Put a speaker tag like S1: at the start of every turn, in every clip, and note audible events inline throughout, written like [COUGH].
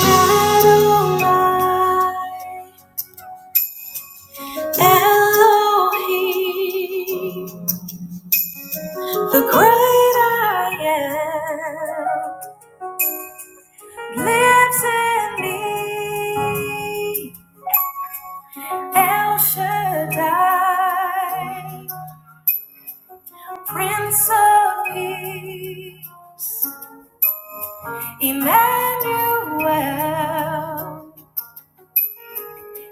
S1: Adonai, Elohim, the great I am, lives in me. El Shaddai, Prince of Peace, Emmanuel,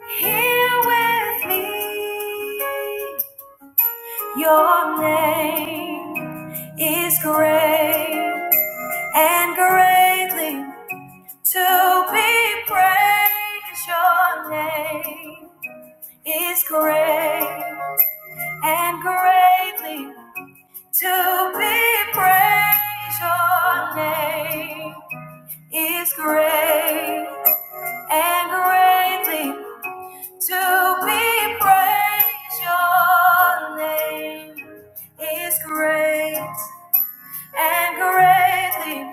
S1: here with me. Your name is great and greatly to be praised. Your name is great and greatly to be praised. Your name is great and greatly to be praised. Your name is great and greatly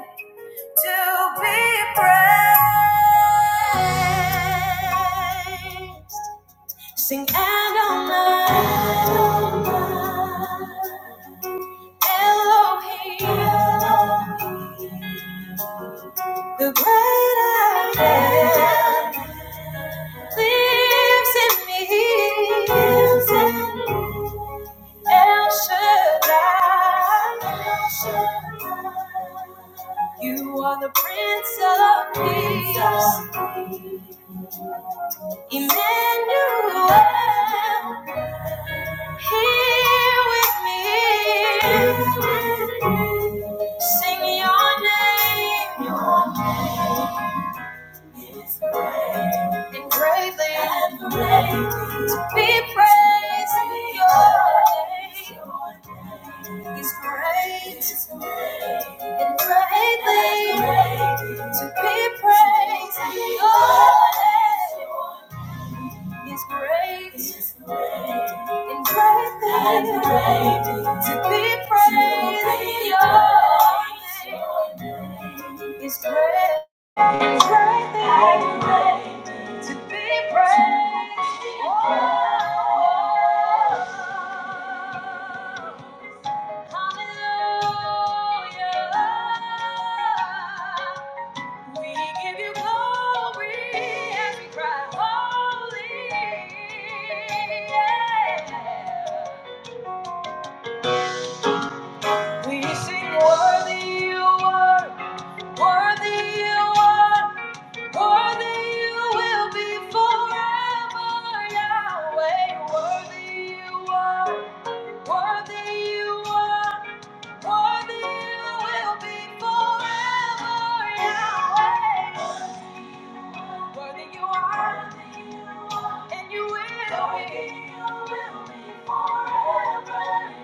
S1: to be praised. Sing Adonai, Elohim, Elohim, the great I am, lives in me. El Shaddai, El Shaddai. You are the Prince of Peace, Emmanuel, here with me. Sing your name, your name. and greatly to be praised in your name. He's great and greatly to be praised in your name. He's great and greatly to be praised in your name. He's great. It's worthy to be praised. Oh, hallelujah. We give you glory and we cry holy. Yeah. We sing worthy you are. Worthy you are, worthy you will be forever, Yahweh. Worthy you are, worthy you are, worthy you will be forever, Yahweh. Worthy you are, and you will be.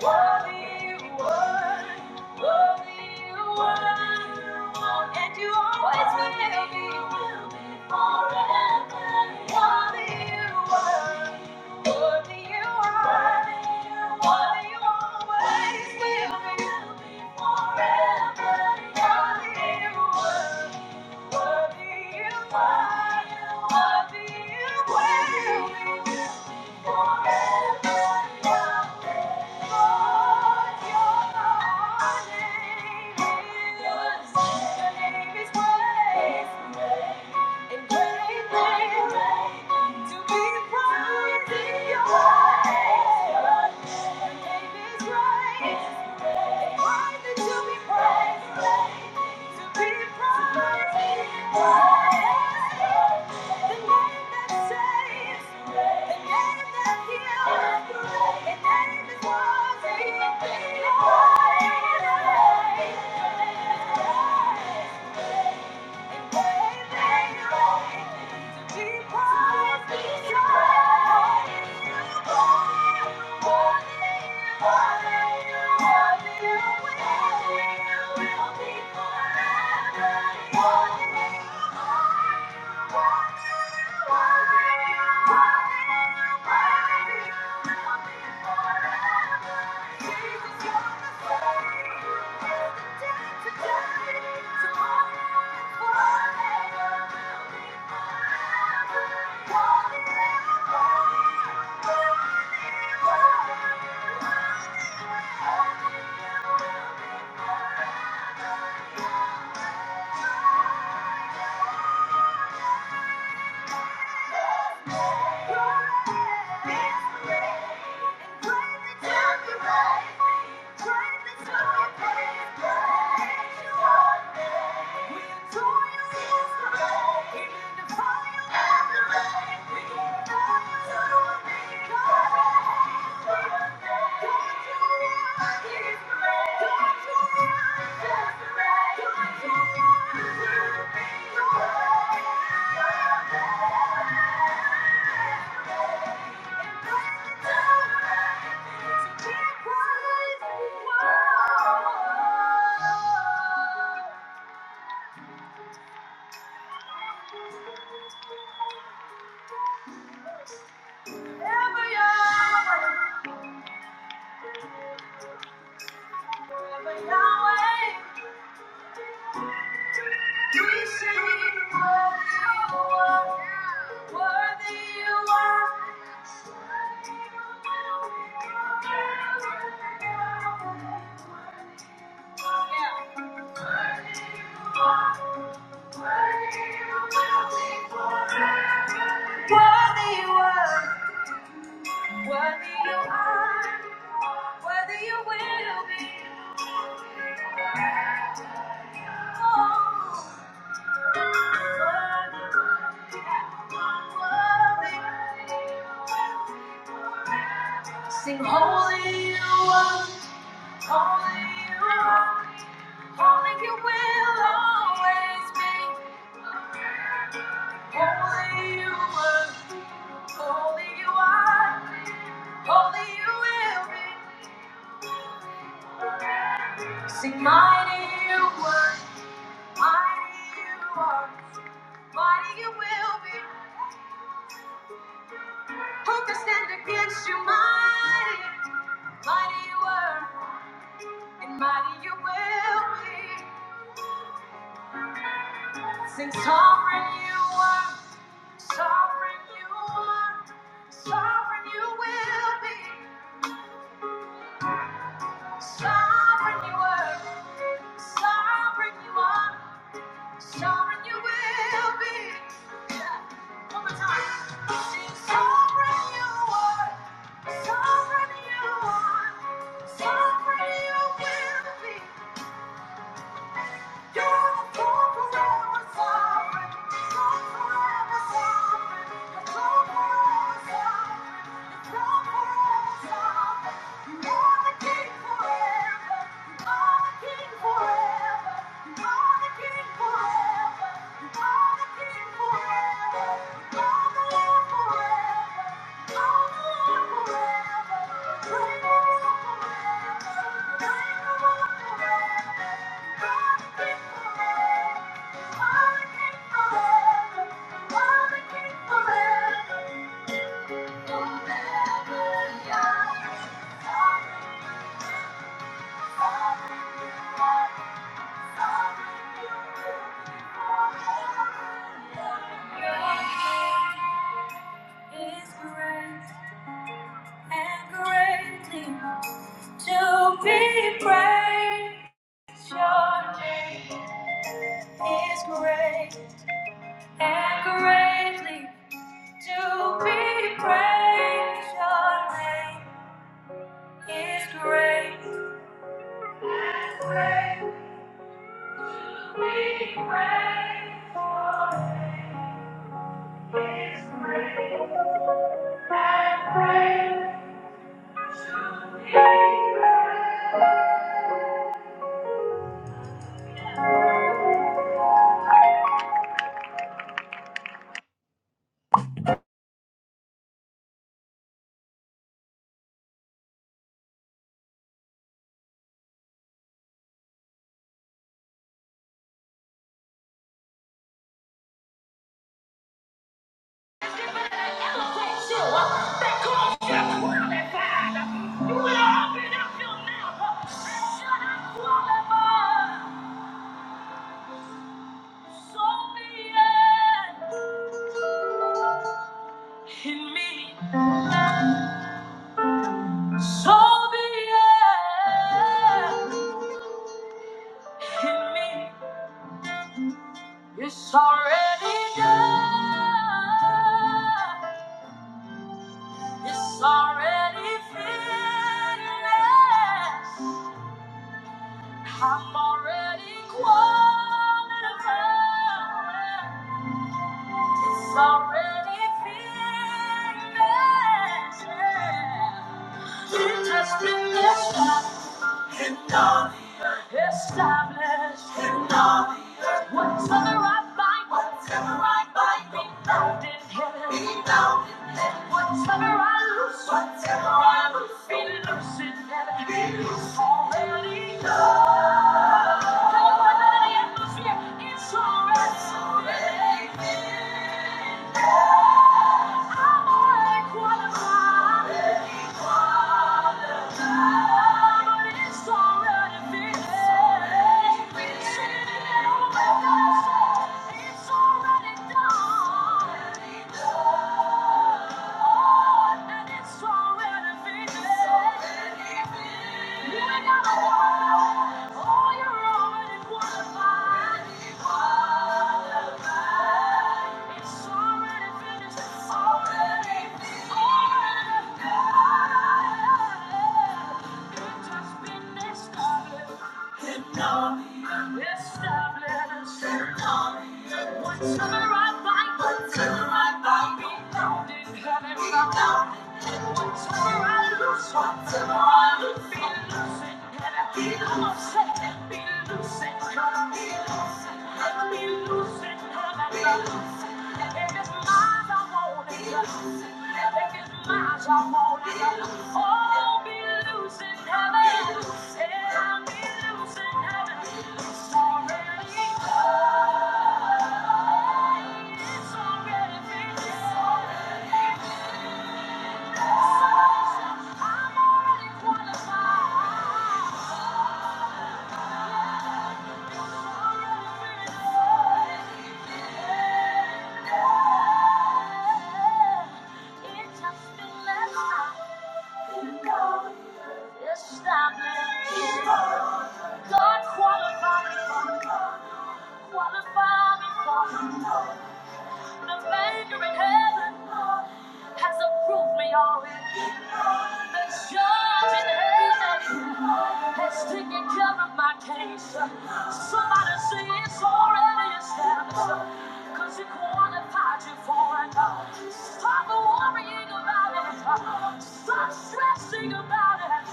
S1: Worthy you were, worthy you were, and you always will be. Worthy you were, worthy you are, worthy you always will be. Worthy you were name, Your name is Right. Thank you. Thank you. Thank you. Thank you. Forever Yahweh, forever Yahweh. We sing, worthy you are. Worthy you are. Worthy you are. Worthy you will be. Oh, worthy, worthy. Sing holy you are. Holy you are. Only you will always be. Only you were. Only you are. Only you will be. Sing mighty you were. Mighty you are. Mighty you will be. Who can stand against you? Mighty. Mighty you were. And mighty you will be. Sing sovereign you were. Sovereign you are. Sovereign you will be. Sovereign you were, sovereign you are, sovereign you will be. Yeah. One more time. Sing sovereign you were, sovereign you are, sovereign you will be. You're the forever sovereign, you're forever sovereign, you forever sovereign. Thank you. To be praised, your name is great and greatly to be praised. Your name His grace. His grace. We pray for His grace. And pray to His grace. Give it elevate you, show, uh, that caused you to qualify. You better open up your mouth, uh, and shall I qualify? So be it in me. So be it in me. It's already done. It's already finished. I'm already qualified. It's already finished. It has been this one and done. established in all the earth. Whatever I bind, whatever I bind, be bound in heaven. Be bound in heaven. Whatever I loose, whatever I loose, be loose in heaven. Be loose already. It's already done. It's just been discovered. Whatever whatever I I find, whatever I find, Be loosened, come and be found in heaven, Whatever I I'll lose, be loosened. I'm already qualified. Qualify me. for the Maker in heaven. Has approved me already. The judge in heaven has taken care of my case. Somebody say it's already established. Cause he qualified you for it. Stop worrying about it. Stop stressing about it.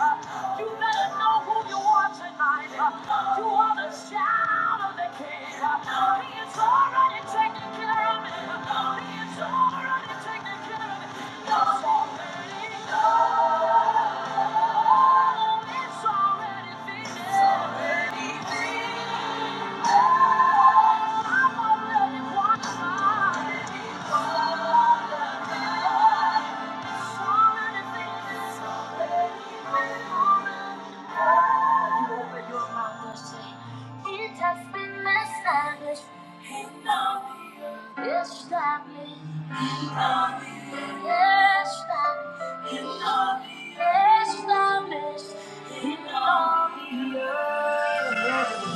S1: You better know who you are tonight. You are the child of the king. He is already taken care of it. He is already taken care of it. It's already done. It's already finished. It's already finished. It has been established in glory, established in glory, established in glory, established in glory.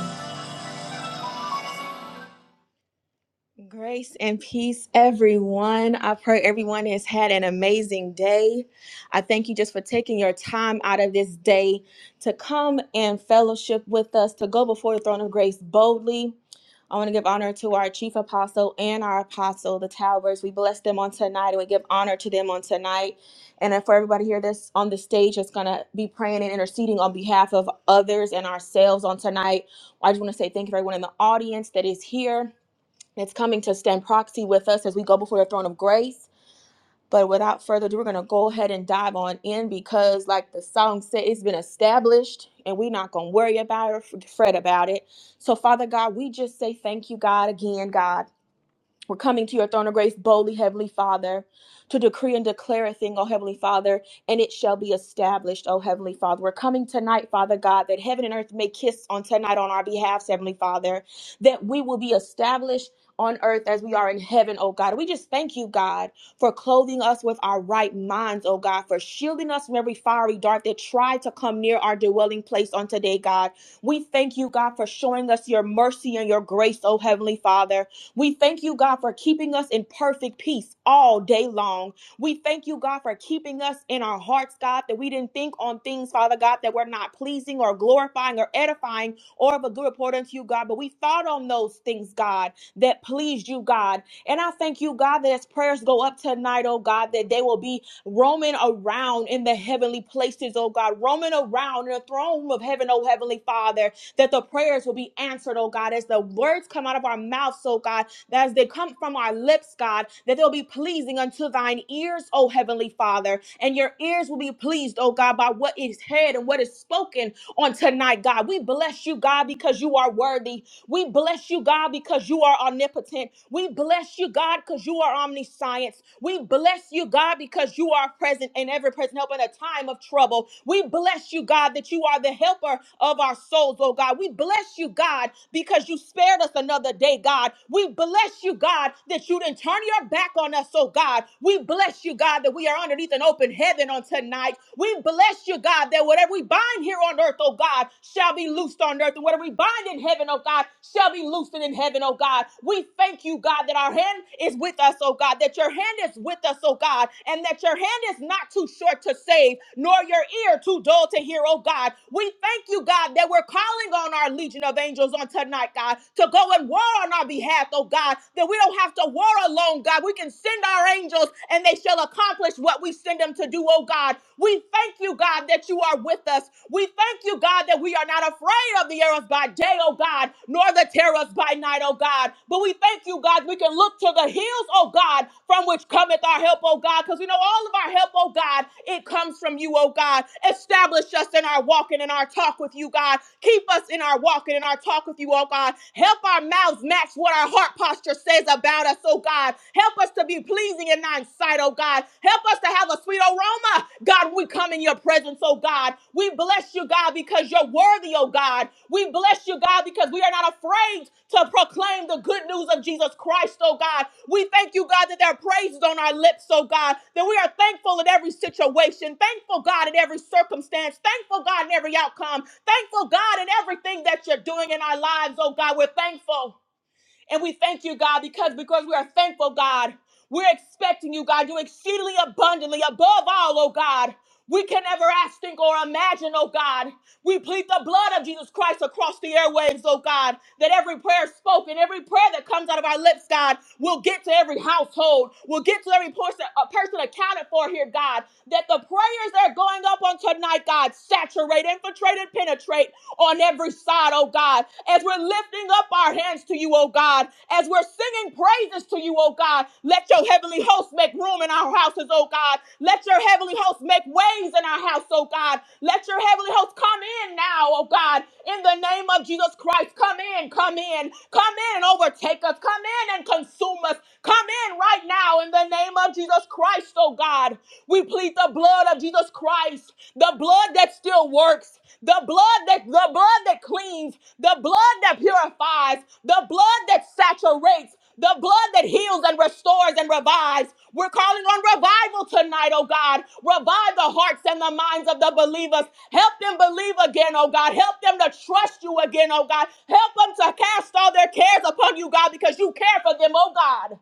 S1: Grace and peace, everyone. I pray everyone has had an amazing day. I thank you just for taking your time out of this day to come and fellowship with us, to go before the throne of grace boldly. I want to give honor to our chief apostle and our apostle, the Towers. We bless them on tonight and we give honor to them on tonight. And then for everybody here that's on the stage that's going to be praying and interceding on behalf of others and ourselves on tonight, I just want to say thank you for everyone in the audience that is here. It's coming to stand proxy with us as we go before the throne of grace. But without further ado, we're going to go ahead and dive on in because, like the song said, it's been established and we're not going to worry about it or fret about it. So, Father God, we just say thank you, God, again, God. We're coming to your throne of grace boldly, Heavenly Father, to decree and declare a thing, O Heavenly Father, and it shall be established, O Heavenly Father. We're coming tonight, Father God, that heaven and earth may kiss on tonight on our behalf, Heavenly Father, that we will be established on earth as we are in heaven, O God. We just thank you, God, for clothing us with our right minds, O God, for shielding us from every fiery dart that tried to come near our dwelling place on today, God. We thank you, God, for showing us your mercy and your grace, O Heavenly Father. We thank you, God, for keeping us in perfect peace all day long. We thank you, God, for keeping us in our hearts, God, that we didn't think on things, Father God, that were not pleasing or glorifying or edifying or of a good report unto you, God. But we thought on those things, God, that pleased you, God. And I thank you, God, that as prayers go up tonight, oh God, that they will be roaming around in the heavenly places, oh God, roaming around in the throne room of heaven, oh Heavenly Father, that the prayers will be answered, oh God, as the words come out of our mouths, oh God that as they come from our lips, God, that they'll be pleasing unto thine ears, O Heavenly Father. And your ears will be pleased, O God, by what is said and what is spoken on tonight, God. We bless you, God, because you are worthy. We bless you, God, because you are omnipotent. We bless you, God, because you are omniscience. We bless you, God, because you are present and ever present help in a time of trouble. We bless you, God, that you are the helper of our souls, oh God. We bless you, God, because you spared us another day, God. We bless you, God, that you didn't turn your back on us, oh God. We bless you, God, that we are underneath an open heaven on tonight. We bless you, God, that whatever we bind here on earth, oh God, shall be loosed on earth. And whatever we bind in heaven, oh God, shall be loosed hosted in heaven, oh God. We thank you, God, that our hand is with us, oh God, that your hand is with us, oh God, and that your hand is not too short to save, nor your ear too dull to hear, oh God. We thank you, God, that we're calling on our legion of angels on tonight, God, to go and war on our behalf, oh God, that we don't have to war alone, God. We can send our angels and they shall accomplish what we send them to do, oh God. We thank you, God, that you are with us. We thank you, God, that we are not afraid of the arrows by day, oh God, nor the terrors by night, oh God. But we thank you, God, we can look to the hills, oh God, from which cometh our help, oh God, because we know all of our help, oh God, it comes from you, oh God. Establish us in our walking and our talk with you, God. Keep us in our walking and our talk with you, oh God. Help our mouths match what our heart posture says about us, oh God. Help us to be pleasing in thine sight, tonight, oh God. Help us to have a sweet aroma. God, we come in your presence, oh God. We bless you, God, because you're worthy, oh God. We bless you, God, because we are not afraid to proclaim the good news of Jesus Christ, oh God. We thank you, God, that there are praises on our lips, oh God, that we are thankful in every situation, thankful, God, in every circumstance, thankful, God, in every outcome, thankful, God, in everything that you're doing in our lives, oh God. We're thankful. And we thank you, God, because because we are thankful, God. We're expecting you, God, you exceedingly abundantly above all, oh God. We can never ask, think, or imagine, oh God. We plead the blood of Jesus Christ across the airwaves, oh God, that every prayer spoken, every prayer that comes out of our lips, God, will get to every household, will get to every person, a person accounted for here, God. That the prayers that are going up on tonight, God, saturate, infiltrate, and penetrate on every side, oh God, as we're lifting up our hands to you, oh God, as we're singing praises to you, oh God, let your heavenly host make room in our houses, oh God. Let your heavenly host make ways in our house, oh God. Let your heavenly host come in now, oh God, in the name of Jesus Christ. Come in, come in, come in and overtake us, come in and consume us, come in right now in the name of Jesus Christ, oh God. We plead the blood of Jesus Christ, the blood that still works the blood that the blood that cleans, the blood that purifies, the blood that saturates, the blood that heals and restores and revives. We're calling on revival tonight, oh God. Revive the hearts and the minds of the believers. Help them believe again, oh God. Help them to trust you again, oh God. Help them to cast all their cares upon you, God, because you care for them, oh God.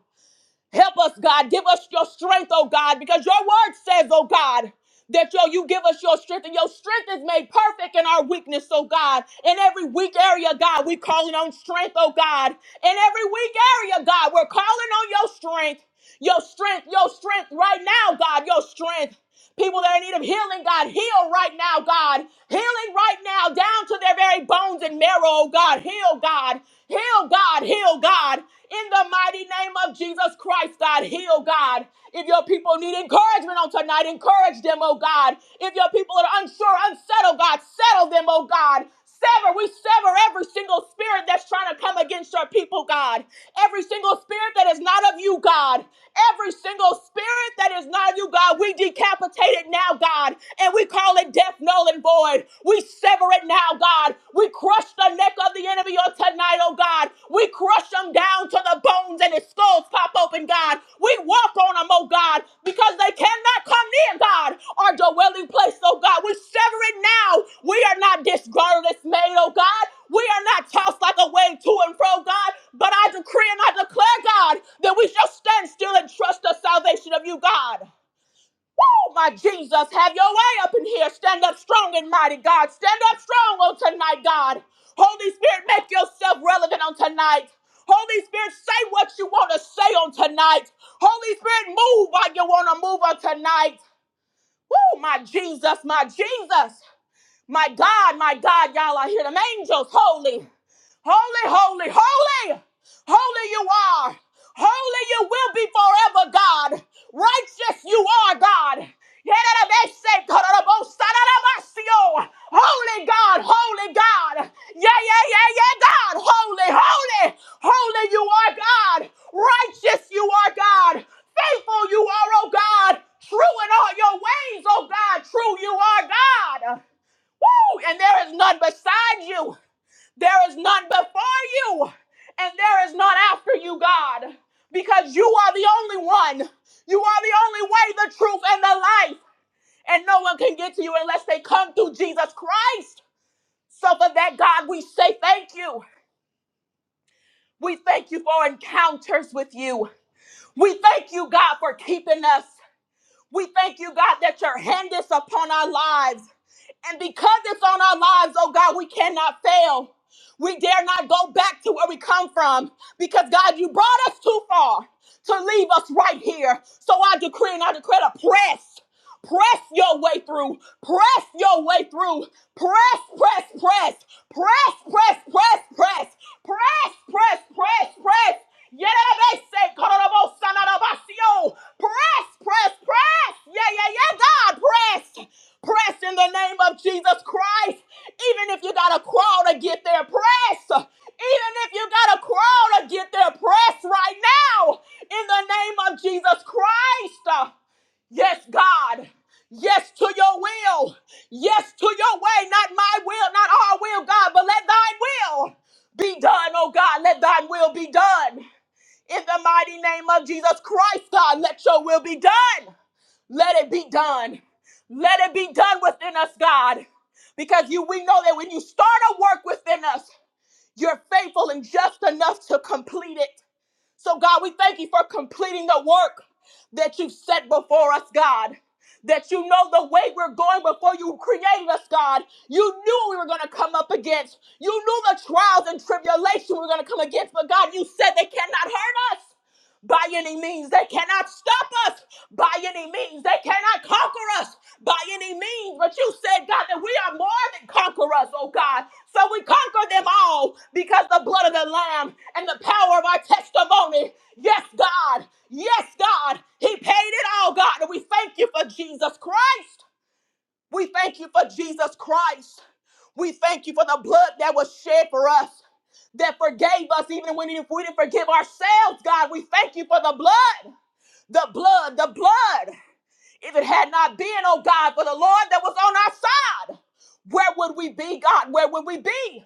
S1: Help us, God. Give us your strength, oh God, because your word says, oh God, that yo, you give us your strength, and your strength is made perfect in our weakness, oh God. In every weak area, God, we're calling on strength, oh God. In every weak area, God, we're calling on your strength, your strength, your strength right now, God, your strength. People that are in need of healing, God, heal right now, God. Healing right now, down to their very bones and marrow, oh God. Heal, God. Heal, God. Heal, God. In the mighty name of Jesus Christ, God, heal, God. If your people need encouragement on tonight, encourage them, oh God. If your people are unsure, unsettled, God, settle them, oh God. Sever, we sever every single spirit that's trying to come against your people, God. Every single spirit that is not of you, God. Every single spirit that is not of you, God, we decapitate it now, God, and we call it death, null, and void. We sever it now, God. We crush the neck of the enemy on tonight, oh God. We crush them down to the bones and his skulls pop open, God. We walk on them, oh oh God, because they cannot come near, God, our dwelling place, oh God. We sever it now. We are not disgruntled, dismayed, oh God. We are not tossed like a wave to and fro, God. But I decree and I declare, God, that we shall stand still and trust the salvation of you, God. Oh, my Jesus, have your way up in here. Stand up strong and mighty, God. Stand up strong on tonight, God. Holy Spirit, make yourself relevant on tonight. Holy Spirit, say what you want to say on tonight. Holy Spirit, move like you want to move on tonight. Woo, my Jesus, my Jesus, my God, my God, y'all are here. Them angels, holy. Holy, holy, holy, holy you are. Holy you will be forever, God. Righteous you are, God. Holy God, holy God. Yeah, yeah, yeah, yeah, God. Holy, holy, holy you are, God. Righteous you are, God. Faithful you are, oh God. True in all your ways, oh God. True you are, God. Woo! And there is none beside you. There is none before you, and there is none after you, God, because you are the only one. You are the only way, the truth, and the life. And no one can get to you unless they come through Jesus Christ. So, for that, God, we say thank you. We thank you for encounters with you. We thank you, God, for keeping us. We thank you, God, that your hand is upon our lives. And because it's on our lives, oh God, we cannot fail. We dare not go back to where we come from because God, you brought us too far to leave us right here. So I decree and I declare to press. Press your way through. Press your way through. Press, press, press. Press, press, press, press. Press, press, press, press. Yerebese, kororobo, sanarabasio. Press, press, press. Yeah, yeah, yeah, God, press. Press in the name of Jesus Christ. Even if you got to crawl to get there, press. Even if you got to crawl to get there, press right now in the name of Jesus Christ. Yes, God. Yes to your will. Yes to your way. Not my will, not our will, God, but let thine will be done, oh God. Let thine will be done. In the mighty name of Jesus Christ, God, let your will be done. Let it be done. Let it be done within us, God. Because you we know that when you start a work within us, you're faithful and just enough to complete it. So, God, we thank you for completing the work that you set before us, God. That you know the way we're going before you created us, God. You knew what we were going to come up against. You knew the trials and tribulation we were going to come against, but God, you said they cannot hurt us by any means. They cannot stop us by any means. They cannot conquer us by any means, but you said, God, that we are more than conquerors, oh God. So we conquer them all because the blood of the Lamb and the power of our testimony. Yes, God. Yes, God. He paid it all, God. And we thank you for Jesus Christ. We thank you for Jesus Christ. We thank you for the blood that was shed for us, that forgave us even when we didn't forgive ourselves, God. We thank you for the blood, the blood, the blood. If it had not been, oh God, for the Lord that was on our side, where would we be, God? Where would we be?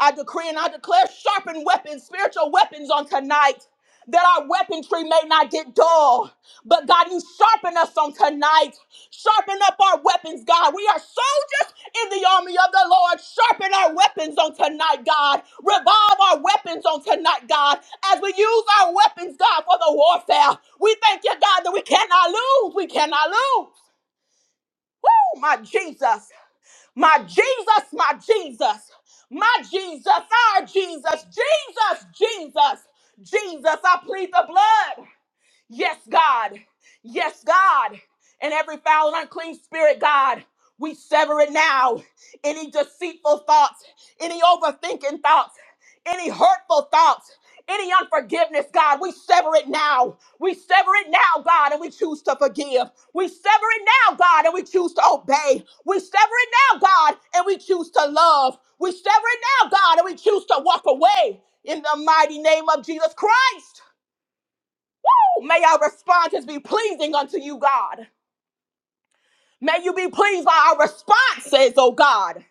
S1: I decree and I declare sharpened weapons, spiritual weapons on tonight. That our weaponry may not get dull. But God, you sharpen us on tonight. Sharpen up our weapons, God. We are soldiers in the army of the Lord. Sharpen our weapons on tonight, God. Revive our weapons on tonight, God. As we use our weapons, God, for the warfare. We thank you, God, that we cannot lose. We cannot lose. Oh, my Jesus. My Jesus, my Jesus, my Jesus, our Jesus, Jesus, Jesus, Jesus. I plead the blood. Yes, God. Yes, God. And every foul and unclean spirit, God, we sever it now. Any deceitful thoughts, any overthinking thoughts, any hurtful thoughts, any unforgiveness, God, we sever it now. We sever it now, God, and we choose to forgive. We sever it now, God, and we choose to obey. We sever it now, God, and we choose to love. We sever it now, God, and we choose to walk away in the mighty name of Jesus Christ. May our responses be pleasing unto you, God. May you be pleased by our responses, oh God.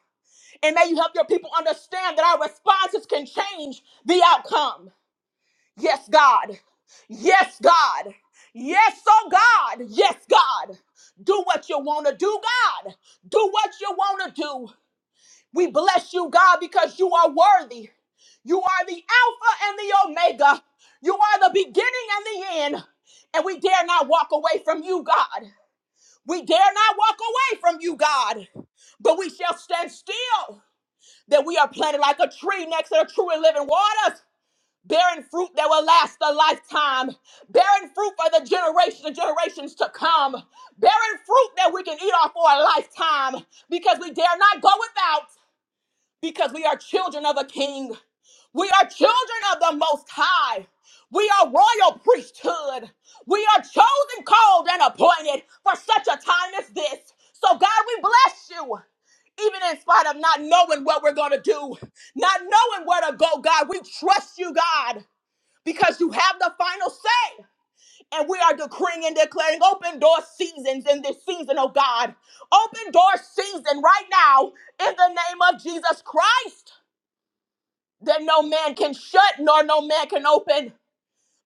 S1: And may you help your people understand that our responses can change the outcome. Yes, God. Yes, God. Yes, oh God. Yes, God. Do what you want to do, God. Do what you want to do. We bless you, God, because you are worthy. You are the Alpha and the Omega. You are the beginning and the end. And we dare not walk away from you, God. We dare not walk away from you, God, but we shall stand still that we are planted like a tree next to the true and living waters, bearing fruit that will last a lifetime, bearing fruit for the generations and generations to come, bearing fruit that we can eat off for a lifetime because we dare not go without because we are children of the King. We are children of the Most High. We are royal priesthood. We are chosen, called, and appointed for such a time as this. So, God, we bless you. Even in spite of not knowing what we're going to do, not knowing where to go, God, we trust you, God, because you have the final say. And we are decreeing and declaring open door seasons in this season, oh God. Open door season right now in the name of Jesus Christ that no man can shut nor no man can open.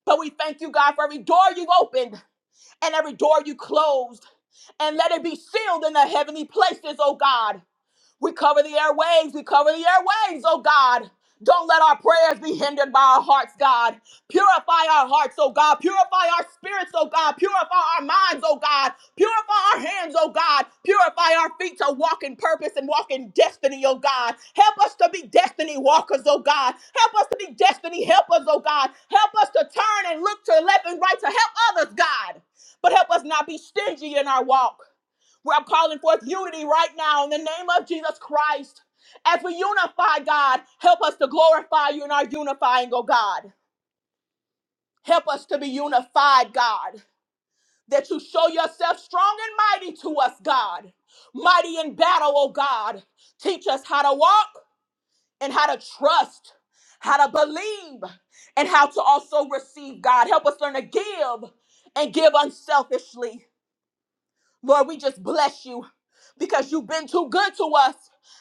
S1: But we thank you, God, for every door you've opened and every door you closed. And let it be sealed in the heavenly places, oh God. We cover the airwaves. We cover the airwaves, oh God. Don't let our prayers be hindered by our hearts, God. Purify our hearts, oh God. Purify our spirits, oh God. Purify our minds, oh God. Purify our hands, oh God. Purify our feet to walk in purpose and walk in destiny, oh God. Help us to be destiny walkers, oh God. Help us to be destiny helpers, oh God. Help us to turn and look to the left and right to help others, God. But help us not be stingy in our walk. We're calling forth unity right now in the name of Jesus Christ. As we unify, God, help us to glorify you in our unifying, oh God. Help us to be unified, God. That you show yourself strong and mighty to us, God. Mighty in battle, oh God. Teach us how to walk and how to trust, how to believe, and how to also receive, God. Help us learn to give and give unselfishly. Lord, we just bless you because you've been too good to us,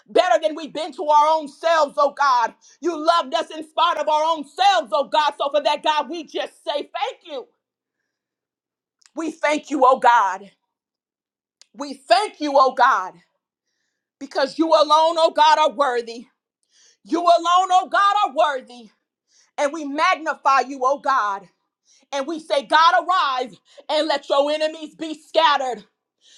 S1: better than we've been to our own selves, oh God. You loved us in spite of our own selves, oh God. So for that, God, we just say thank you. We thank you, oh God. We thank you, oh God, because you alone, oh God, are worthy. You alone, oh God, are worthy. And we magnify you, oh God. And we say, God, arise and let your enemies be scattered.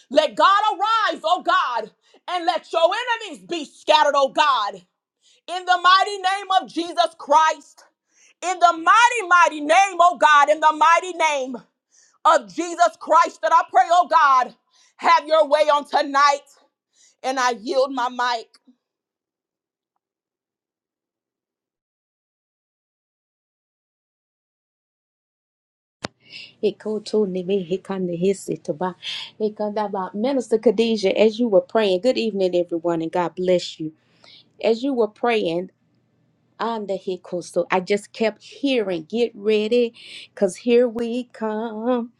S1: Let God arise, oh God, and let your enemies be scattered, oh God. In the mighty name of Jesus Christ, in the mighty, mighty name, oh God, in the mighty name of Jesus Christ, that I pray, oh God, have your way on tonight. And I yield my mic.
S2: Hikoto nimi hikanda hisitaba. Hikandaba. Minister Khadijah, as you were praying, good evening, everyone, and God bless you. As you were praying, on the hiccups. So I just kept hearing, get ready, because here we come.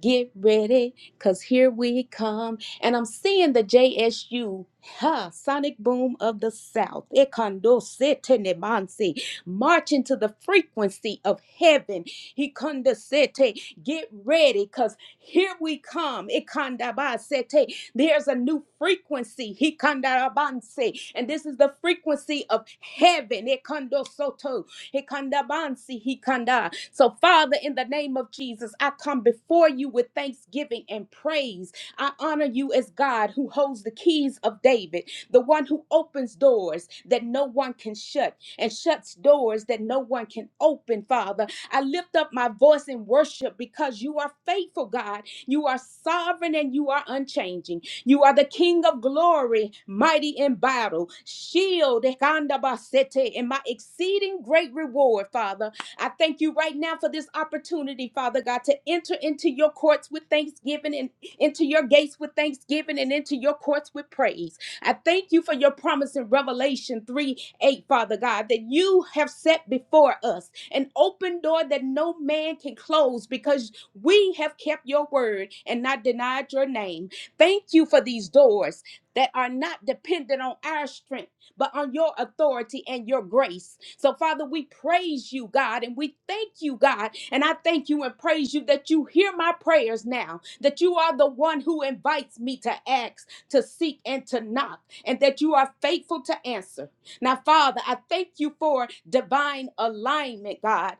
S2: Get ready, because here we come. And I'm seeing the JSU, huh, Sonic Boom of the South, Ekondo Sete Nemansi, marching to the frequency of heaven. Hikondo Sete, get ready, because here we come. Ikandaba Sete, there's a new frequency. He kandarabanse. And this is the frequency of heaven. It kando soto. He kandabansi. He kanda. So, Father, in the name of Jesus, I come before you with thanksgiving and praise. I honor you as God who holds the keys of David, the one who opens doors that no one can shut and shuts doors that no one can open, Father. I lift up my voice in worship because you are faithful, God. You are sovereign and you are unchanging. You are the King of glory, mighty in battle, shield, ekandabasete, and my exceeding great reward, Father. I thank you right now for this opportunity, Father God, to enter into your courts with thanksgiving and into your gates with thanksgiving and into your courts with praise. I thank you for your promise in Revelation 3 8, Father God, that you have set before us an open door that no man can close because we have kept your word and not denied your name. Thank you for these doors that are not dependent on our strength, but on your authority and your grace. So, Father, we praise you, God, and we thank you, God. And I thank you and praise you that you hear my prayers now, that you are the one who invites me to ask, to seek, and to knock, and that you are faithful to answer. Now, Father, I thank you for divine alignment, God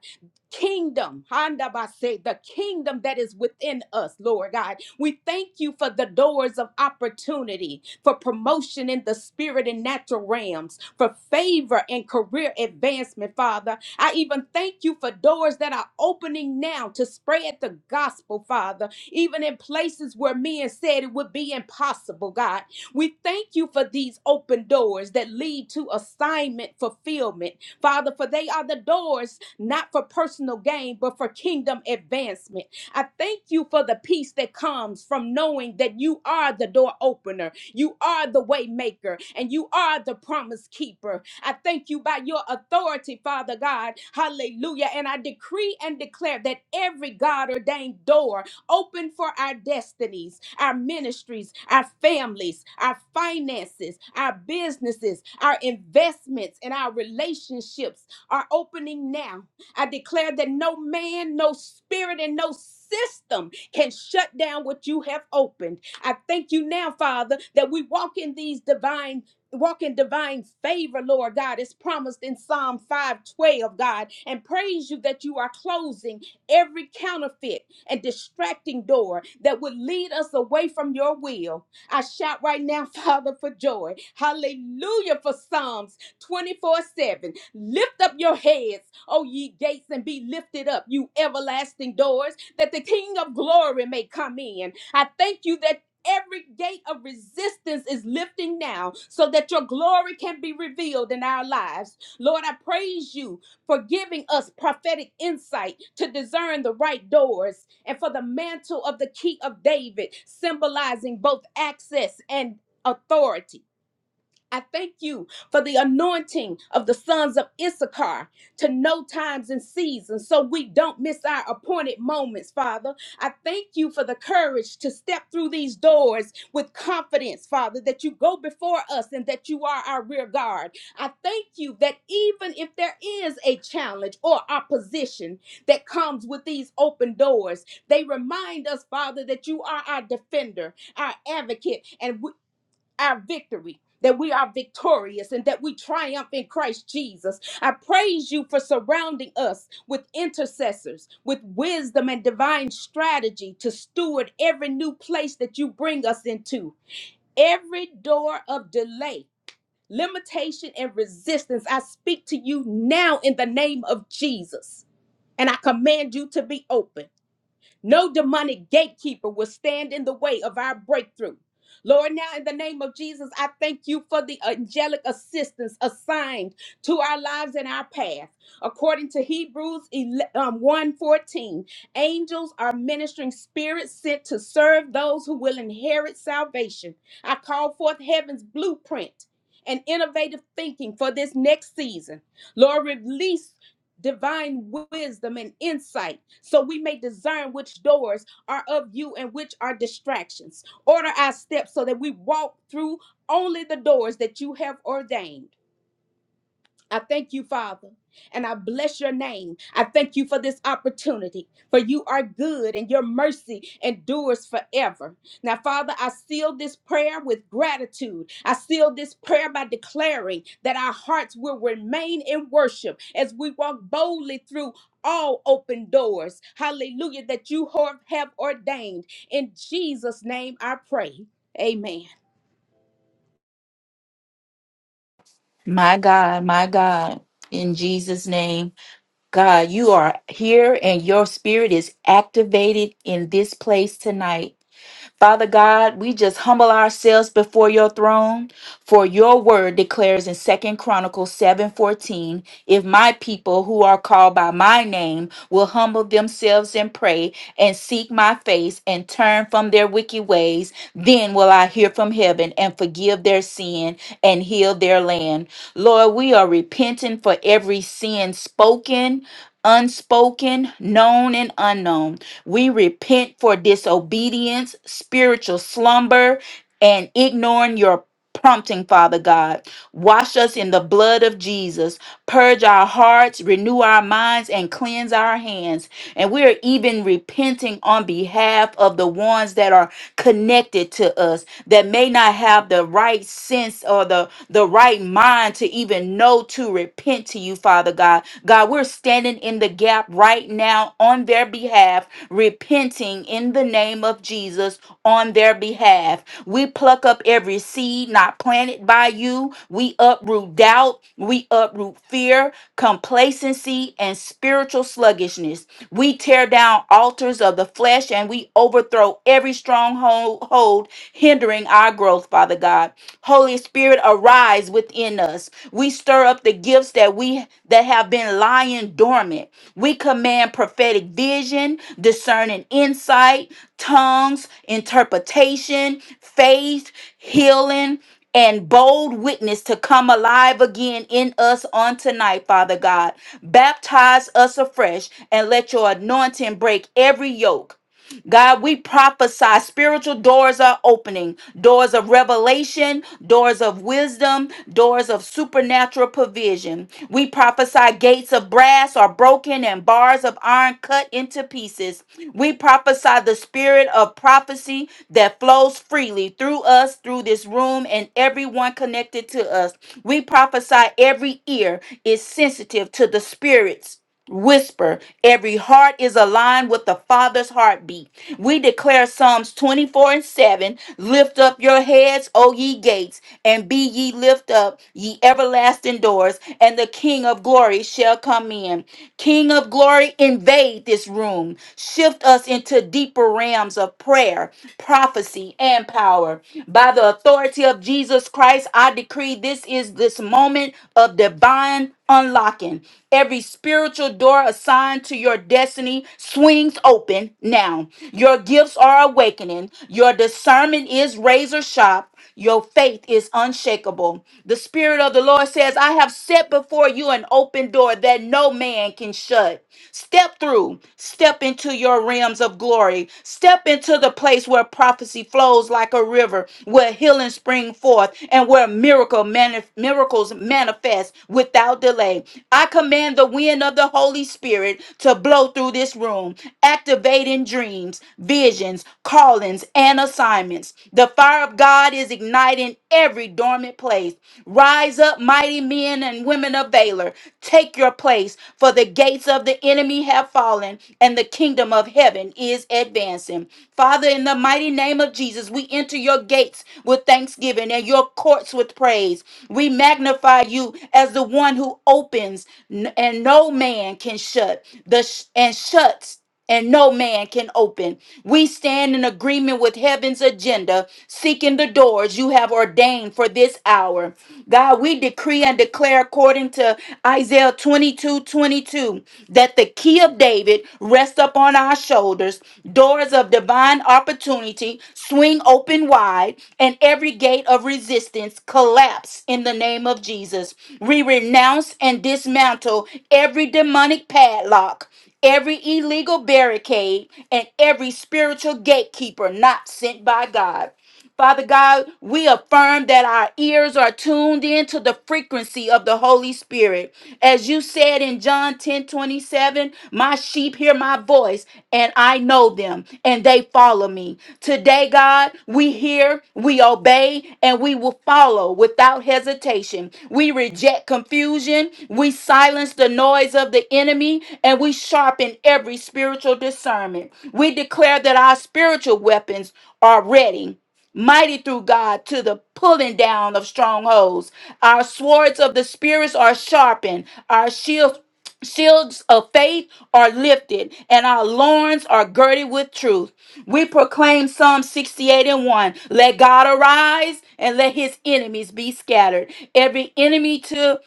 S2: kingdom, handabase, the kingdom that is within us, Lord God. We thank you for the doors of opportunity, for promotion in the spirit and natural realms, for favor and career advancement, Father. I even thank you for doors that are opening now to spread the gospel, Father, even in places where men said it would be impossible, God. We thank you for these open doors that lead to assignment fulfillment Father, for they are the doors, not for personal gain, but for kingdom advancement. I thank you for the peace that comes from knowing that you are the door opener, you are the way maker, and you are the promise keeper. I thank you by your authority, Father God. Hallelujah. And I decree and declare that every God ordained door open for our destinies, our ministries, our families, our finances, our businesses, our investments, and our relationships are opening now. I declare that no man, no spirit, and no system can shut down what you have opened. I thank you now, Father, that we walk in these divine. Walk in divine favor, Lord God, as promised in Psalm 512, God, and praise you that you are closing every counterfeit and distracting door that would lead us away from your will. I shout right now, [LAUGHS] Father, for joy. Hallelujah for Psalms 24 7. Lift up your heads, O ye gates, and be lifted up, you everlasting doors, that the King of glory may come in. I thank you that. Every gate of resistance is lifting now so that your glory can be revealed in our lives. Lord, I praise you for giving us prophetic insight to discern the right doors, and for the mantle of the key of David, symbolizing both access and authority. I thank you for the anointing of the sons of Issachar to know times and seasons so we don't miss our appointed moments, Father. I thank you for the courage to step through these doors with confidence, Father, that you go before us and that you are our rear guard. I thank you that even if there is a challenge or opposition that comes with these open doors, they remind us, Father, that you are our defender, our advocate, and our victory, that we are victorious and that we triumph in Christ Jesus. I praise you for surrounding us with intercessors, with wisdom and divine strategy to steward every new place that you bring us into, every door of delay. Limitation and resistance, I speak to you now in the name of Jesus, and I command you to be open. No demonic gatekeeper will stand in the way of our breakthrough. Lord, now in the name of Jesus, I thank you for the angelic assistance assigned to our lives and our path. According to Hebrews 11, um, 1:14, angels are ministering spirits sent to serve those who will inherit salvation. I call forth heaven's blueprint and innovative thinking for this next season. Lord, release divine wisdom and insight so we may discern which doors are of you and which are distractions. Order our steps so that we walk through only the doors that you have ordained. I thank you, Father, and I bless your name. I thank you for this opportunity, for you are good and your mercy endures forever. Now, Father, I seal this prayer with gratitude. I seal this prayer by declaring that our hearts will remain in worship as we walk boldly through. All open doors, hallelujah, that you have have ordained. In Jesus' name I pray. Amen.
S3: My God, my God, in Jesus' name, God, you are here and your spirit is activated in this place tonight. Father God, we just humble ourselves before your throne, for your word declares in Second Chronicles 7:14, if my people who are called by my name will humble themselves and pray and seek my face and turn from their wicked ways, then will I hear from heaven and forgive their sin and heal their land. Lord, we are repenting for every sin spoken, unspoken, known and unknown. We repent for disobedience, spiritual slumber, and ignoring your prompting, Father God. Wash us in the blood of Jesus. Purge our hearts, renew our minds, and cleanse our hands. And we are even repenting on behalf of the ones that are connected to us that may not have the right sense or the, the right mind to even know to repent to you, Father God. God, we're standing in the gap right now on their behalf repenting in the name of Jesus on their behalf. We pluck up every seed not planted by you. We uproot doubt. We uproot fear, complacency, and spiritual sluggishness. We tear down altars of the flesh and we overthrow every stronghold hold hindering our growth, Father God. Holy Spirit, arise within us. We stir up the gifts that we that have been lying dormant. We command prophetic vision, discerning insight, tongues, interpretation, faith, healing, and bold witness to come alive again in us on tonight, Father God. Baptize us afresh and let your anointing break every yoke. God, we prophesy spiritual doors are opening doors of revelation, doors of wisdom, doors of supernatural provision. We prophesy gates of brass are broken and bars of iron cut into pieces. We prophesy the spirit of prophecy that flows freely through us, through this room, and everyone connected to us. We prophesy every ear is sensitive to the spirits. Whisper, every heart is aligned with the Father's heartbeat. We declare Psalms 24 and 7 Lift up your heads, O ye gates, and be ye lift up, ye everlasting doors, and the King of glory shall come in. King of glory, invade this room. Shift us into deeper realms of prayer, prophecy, and power. By the authority of Jesus Christ, I decree this is this moment of divine unlocking. Every spiritual door assigned to your destiny swings open now. Your gifts are awakening. Your discernment is razor sharp. Your faith is unshakable. The Spirit of the Lord says, I have set before you an open door that no man can shut. Step through, step into your realms of glory, step into the place where prophecy flows like a river, where healing spring forth, and where miracle mani- miracles manifest without delay. I command the wind of the Holy Spirit to blow through this room, activating dreams, visions, callings, and assignments. The fire of God. God is igniting every dormant place. Rise up, mighty men and women of valor. Take your place, for the gates of the enemy have fallen, and the kingdom of heaven is advancing. Father, in the mighty name of Jesus, we enter your gates with thanksgiving and your courts with praise. We magnify you as the one who opens n- and no man can shut, the sh- and shuts and no man can open. We stand in agreement with heaven's agenda, seeking the doors you have ordained for this hour. God, we decree and declare according to Isaiah 22 22 that the key of David rests upon our shoulders. Doors of divine opportunity swing open wide, and every gate of resistance collapse in the name of Jesus. We renounce and dismantle every demonic padlock every illegal barricade, and every spiritual gatekeeper not sent by God. Father God, we affirm that our ears are tuned into the frequency of the Holy Spirit. As you said in John 10 27. my sheep hear my voice, and I know them, and they follow me. Today, God, we hear, we obey, and we will follow without hesitation. We reject confusion, we silence the noise of the enemy, and we sharpen every spiritual discernment. We declare that our spiritual weapons are ready mighty through God to the pulling down of strongholds. Our swords of the spirits are sharpened, our shields shields of faith are lifted, and our loins are girded with truth. We proclaim Psalm 68 and 1. Let God arise and let his enemies be scattered. Every enemy to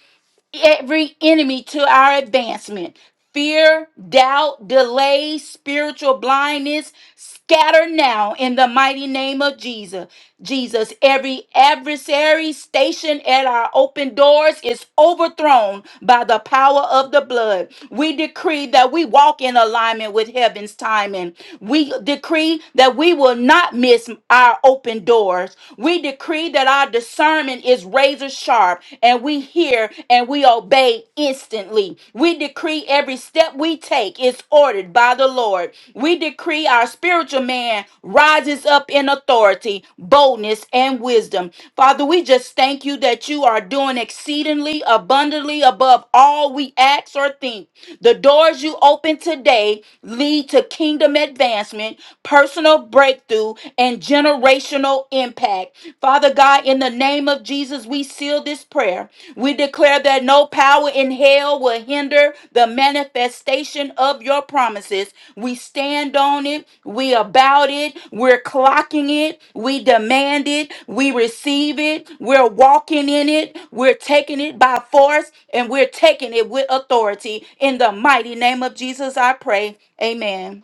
S3: every enemy to our advancement. Fear, doubt, delay, spiritual blindness, scatter now in the mighty name of Jesus. Jesus, every adversary stationed at our open doors is overthrown by the power of the blood. We decree that we walk in alignment with heaven's timing. We decree that we will not miss our open doors. We decree that our discernment is razor sharp and we hear and we obey instantly. We decree every step we take is ordered by the Lord. We decree our spiritual man man rises up in authority, boldness, and wisdom. Father, we just thank you that you are doing exceedingly abundantly above all we ask or think. The doors you open today lead to kingdom advancement, personal breakthrough, and generational impact. Father God, in the name of Jesus, we seal this prayer. We declare that no power in hell will hinder the manifestation of your promises. We stand on it. We about it. We're clocking it. We demand it. We receive it. We're walking in it. We're taking it by force and we're taking it with authority. In the mighty name of Jesus, I pray. Amen.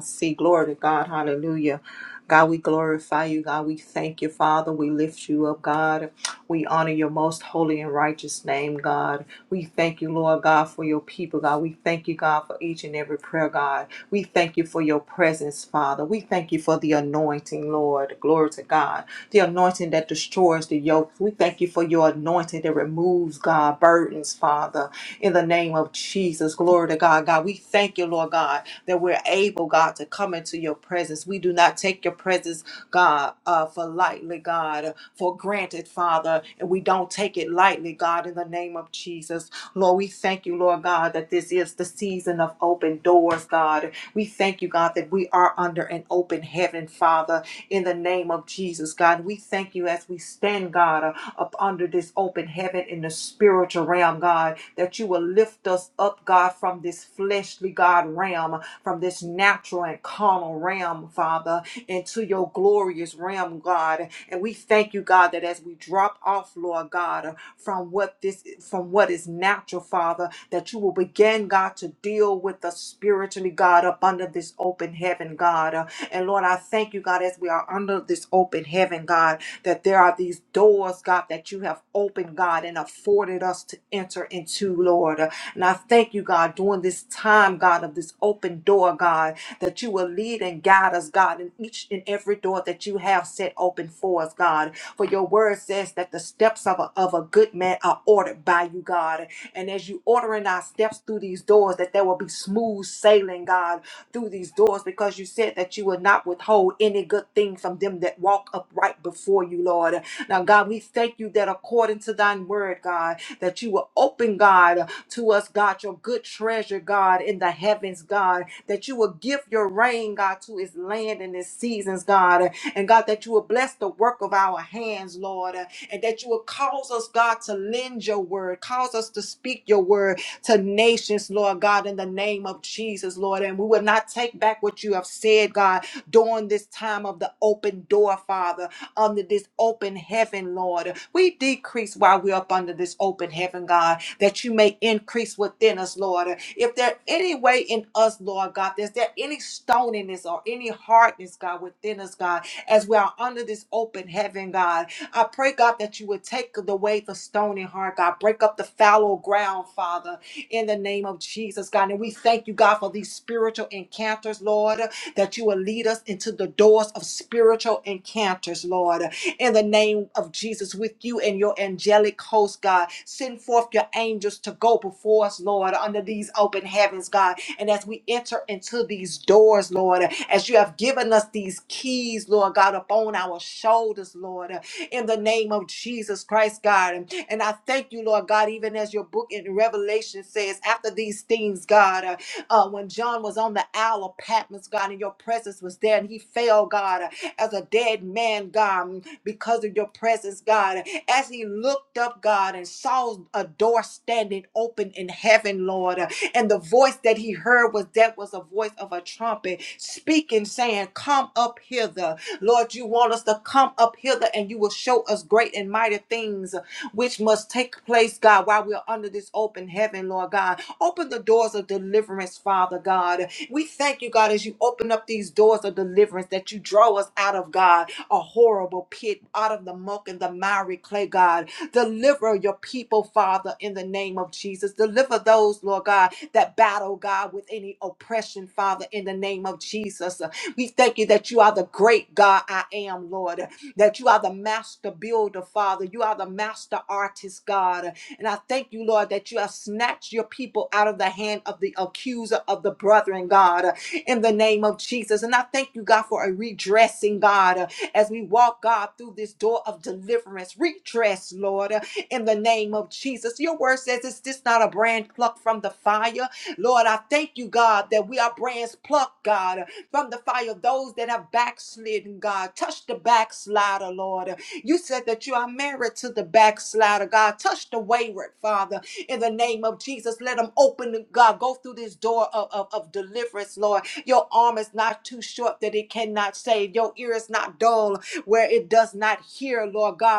S4: see Glory to God. Hallelujah. God, we glorify you. God, we thank you, Father. We lift you up, God. We honor your most holy and righteous name, God. We thank you, Lord God, for your people, God. We thank you, God, for each and every prayer, God. We thank you for your presence, Father. We thank you for the anointing, Lord. Glory to God. The anointing that destroys the yoke. We thank you for your anointing that removes, God, burdens, Father in the name of Jesus. Glory to God. God, we thank you, Lord God, that we're able, God, to come into your presence. We do not take your presence God, uh, for lightly, God, for granted, Father. And we don't take it lightly, God, in the name of Jesus. Lord, we thank you, Lord God, that this is the season of open doors, God. We thank you, God, that we are under an open heaven, Father, in the name of Jesus, God. We thank you as we stand, God, uh, up under this open heaven in the spiritual realm, God, that you will lift us up, God, from this fleshly, God, realm, from this natural and carnal realm, Father, into your glory glorious realm, God. And we thank you, God, that as we drop off, Lord God, from what this from what is natural, Father, that you will begin, God, to deal with us spiritually, God, up under this open heaven, God. Uh, And Lord, I thank you, God, as we are under this open heaven, God, that there are these doors, God, that you have opened, God, and afforded us to enter into, Lord. Uh, And I thank you, God, during this time, God, of this open door, God, that you will lead and guide us, God, in each and every door Lord, that you have set open for us, God. For your word says that the steps of a, of a good man are ordered by you, God. And as you ordering our steps through these doors, that there will be smooth sailing, God, through these doors, because you said that you would not withhold any good thing from them that walk upright before you, Lord. Now, God, we thank you that according to thine word, God, that you will open, God, to us, God, your good treasure, God, in the heavens, God, that you will give your rain, God, to his land in his seasons, God, uh, and God, that you will bless the work of our hands, Lord, uh, and that you will cause us, God, to lend your word, cause us to speak your word to nations, Lord God, in the name of Jesus, Lord. And we will not take back what you have said, God, during this time of the open door, Father, under this open heaven, Lord. We decrease while we're up under this open heaven, God, that you may increase within us, Lord. If there any way in us, Lord God, is there any stoniness or any hardness, God, within us, God? as we are under this open heaven, God. I pray, God, that you would take away the stony heart, God. Break up the fallow ground, Father, in the name of Jesus, God. And we thank you, God, for these spiritual encounters, Lord, that you will lead us into the doors of spiritual encounters, Lord in the name of Jesus with you and your angelic host, God. Send forth your angels to go before us, Lord, under these open heavens, God. And as we enter into these doors, Lord, as you have given us these keys, Lord God, upon our shoulders, Lord, in the name of Jesus Christ, God. And I thank you, Lord God, even as your book in Revelation says, after these things, God, uh, uh, when John was on the Isle of Patmos, God, and your presence was there and he fell, God as a dead man, God, because of your presence, God. As he looked up, God, and saw a door standing open in heaven, Lord, and the voice that he heard was that was a voice of a trumpet speaking, saying, Come up hither. Lord, you want us to come up hither and you will show us great and mighty things which must take place, God, while we're under this open heaven, Lord God. Open the doors of deliverance, Father God. We thank you, God, as you open up these doors of deliverance that you draw us out of, God, a horrible pit, out of the muck and the miry clay, God. Deliver your people, Father, in the name of Jesus. Deliver those, Lord God, that battle, God, with any oppression, Father, in the name of Jesus. We thank you that you are the great God I am, Lord that you are the master builder, Father. You are the master artist, God. And I thank you, Lord, that you have snatched your people out of the hand of the accuser of the brethren, God, in the name of Jesus. And I thank you, God, for a redressing, God, as we walk, God, through this door of deliverance. Redress, Lord, in the name of Jesus. Your word says, Is this not a brand plucked from the fire? Lord, I thank you, God, that we are brands plucked, God from the fire of those that have backslidden, God. Touch the backslider, Lord. You said that you are married to the backslider, God. Touch the wayward, Father, in the name of Jesus. Let them open, God. Go through this door of, of, of deliverance, Lord. Your arm is not too short that it cannot save. Your ear is not dull where it does not hear, Lord God.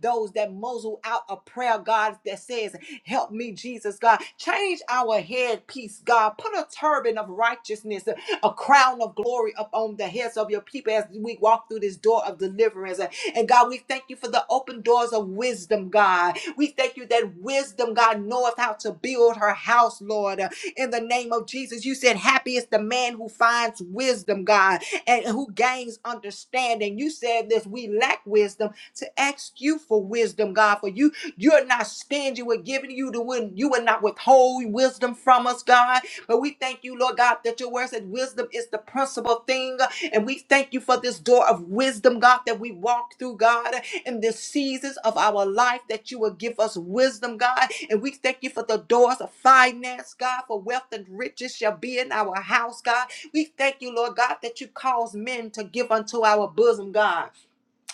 S4: Those that muzzle out a prayer, God, that says, Help me, Jesus, God. Change our headpiece, God. Put a turban of righteousness a crown of glory upon the heads of your people as we walk through this door of deliverance. And God, we thank you for the open doors of wisdom, God. We thank you that wisdom, God, knoweth how to build her house, Lord. In the name of Jesus, you said, Happy is the man who finds wisdom, God, and who gains understanding. You said this, we lack wisdom to ask you for wisdom, God, for you you're not stingy with giving you the win. You will not withhold wisdom from us, God. But we thank you, Lord God, that your word said wisdom is the principal thing. And we thank you for this door of wisdom, God, that we walk through, God, in the seasons of our life, that you will give us wisdom, God. And we thank you for the doors of finance, God, for wealth and riches shall be in our house, God. We thank you, Lord God, that you cause men to give unto our bosom, God.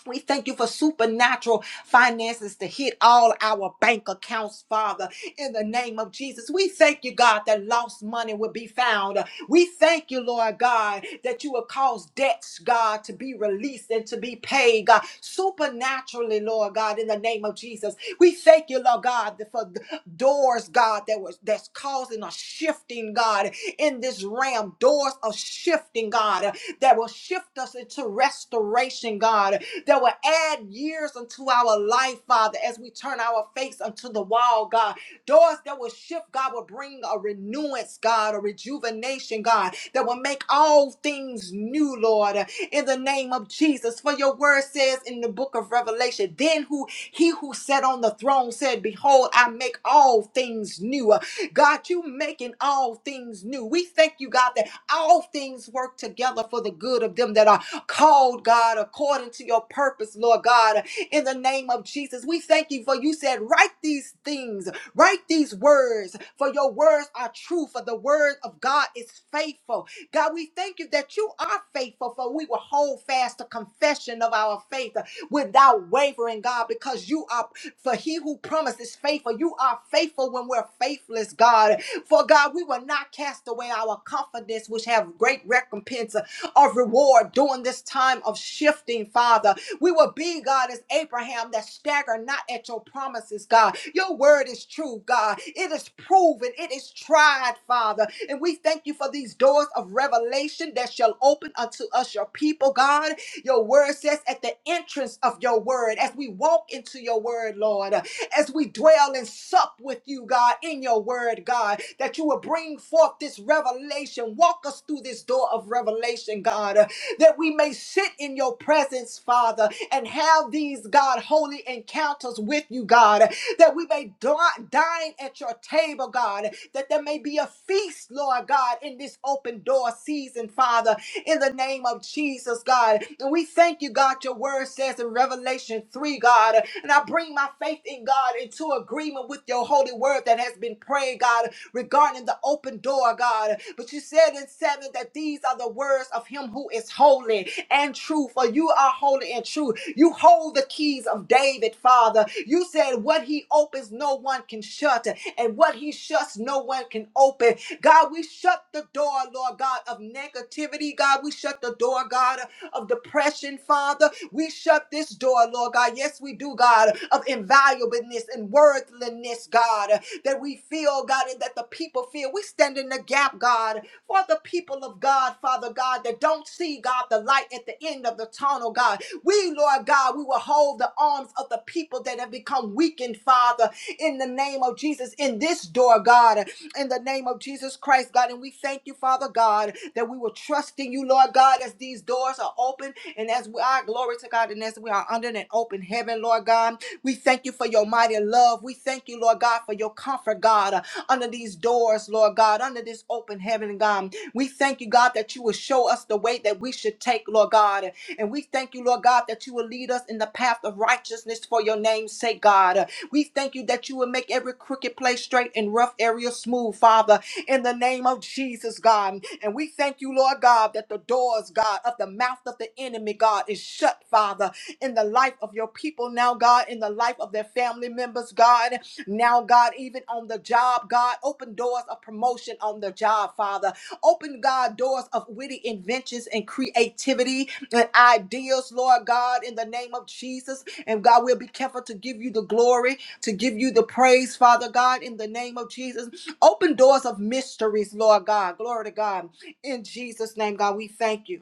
S4: We thank you for supernatural finances to hit all our bank accounts, Father, in the name of Jesus. We thank you, God, that lost money will be found. We thank you, Lord God, that you will cause debts, God, to be released and to be paid, God, supernaturally, Lord God, in the name of Jesus. We thank you, Lord God, that for the doors, God, that was that's causing a shifting, God, in this realm. Doors of shifting, God, that will shift us into restoration, God that will add years unto our life, Father, as we turn our face unto the wall, God. Doors that will shift, God, will bring a renewance, God, a rejuvenation, God, that will make all things new, Lord, in the name of Jesus. For your word says in the book of Revelation, then who he who sat on the throne said, Behold, I make all things new. God, you making all things new. We thank you, God, that all things work together for the good of them that are called, God, according to your purpose, Lord God, in the name of Jesus. We thank you for you said, write these things, write these words, for your words are true, for the word of God is faithful. God, we thank you that you are faithful, for we will hold fast the confession of our faith without wavering, God, because you are, for he who promised is faithful. You are faithful when we're faithless, God. For God, we will not cast away our confidence, which have great recompense of reward during this time of shifting, Father. We will be, God, as Abraham that stagger not at your promises, God. Your word is true, God. It is proven, it is tried, Father. And we thank you for these doors of revelation that shall open unto us, your people, God. Your word says at the entrance of your word, as we walk into your word, Lord as we dwell and sup with you, God, in your word, God, that you will bring forth this revelation. Walk us through this door of revelation, God, uh, that we may sit in your presence, Father, and have these, God, holy encounters with you, God, uh, that we may di- dine at your table, God, that there may be a feast, Lord God, in this open door season, Father, in the name of Jesus, God. And we thank you, God, your your word says in Revelation 3, God. And I bring my faith in God into agreement with your holy word that has been prayed, God, regarding the open door, God. But you said in 7 that these are the words of him who is holy and true, for you are holy and true. You hold the keys of David, Father. You said what he opens, no one can shut, and what he shuts, no one can open. God, we shut the door, Lord God, of negativity negativity, God. We shut the door, God, of depression, Father. We shut this door, Lord God. Yes, we do, God, of invaluableness and worthlessness, God, that we feel, God, and that the people feel. We stand in the gap, God, for the people of God, Father God, that don't see, God, the light at the end of the tunnel, God. We, Lord God, we will hold the arms of the people that have become weakened, Father, in the name of Jesus, in this door, God in the name of Jesus Christ, God. And we thank you, Father God, that we will trust in you, Lord God, as these doors are open and as we are, glory to God, and as we are under an open heaven, Lord God. We thank you for your mighty love. We thank you, Lord God, for your comfort, God, uh, under these doors, Lord God, under this open heaven, God. We thank you, God, that you will show us the way that we should take, Lord God. And we thank you, Lord God, that you will lead us in the path of righteousness for your name's sake, God. We thank you that you will make every crooked place straight and rough area smooth, Father, in the name of Jesus, God. And we thank you, Lord God, that the doors, God, of the mouth of the enemy, God, is shut, Father, in the life of your people now, God, in the life of their family members, God, now, God, even on the job, God, open doors of promotion on the job, Father. Open, God, doors of witty inventions and creativity and ideas, Lord God, in the name of Jesus. And God, we'll be careful to give you the glory to give you the praise, Father God, in the name of Jesus. Open doors of mysteries, Lord God. Glory to God. In Jesus' name, God, we thank you.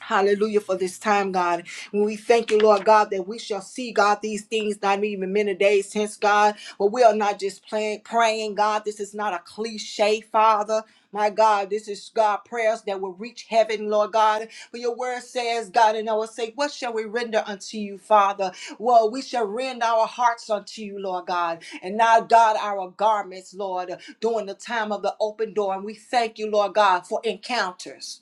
S4: Hallelujah for this time, God. And we thank you, Lord God, that we shall see, God, these things not even many days hence, God. But we are not just playing, praying, God. This is not a cliche, Father. My God, this is God prayers that will reach heaven, Lord God. For your word says, God, and I will say, What shall we render unto you, Father? Well, we shall rend our hearts unto you, Lord God. And now, God, our garments, Lord, during the time of the open door. And we thank you, Lord God, for encounters.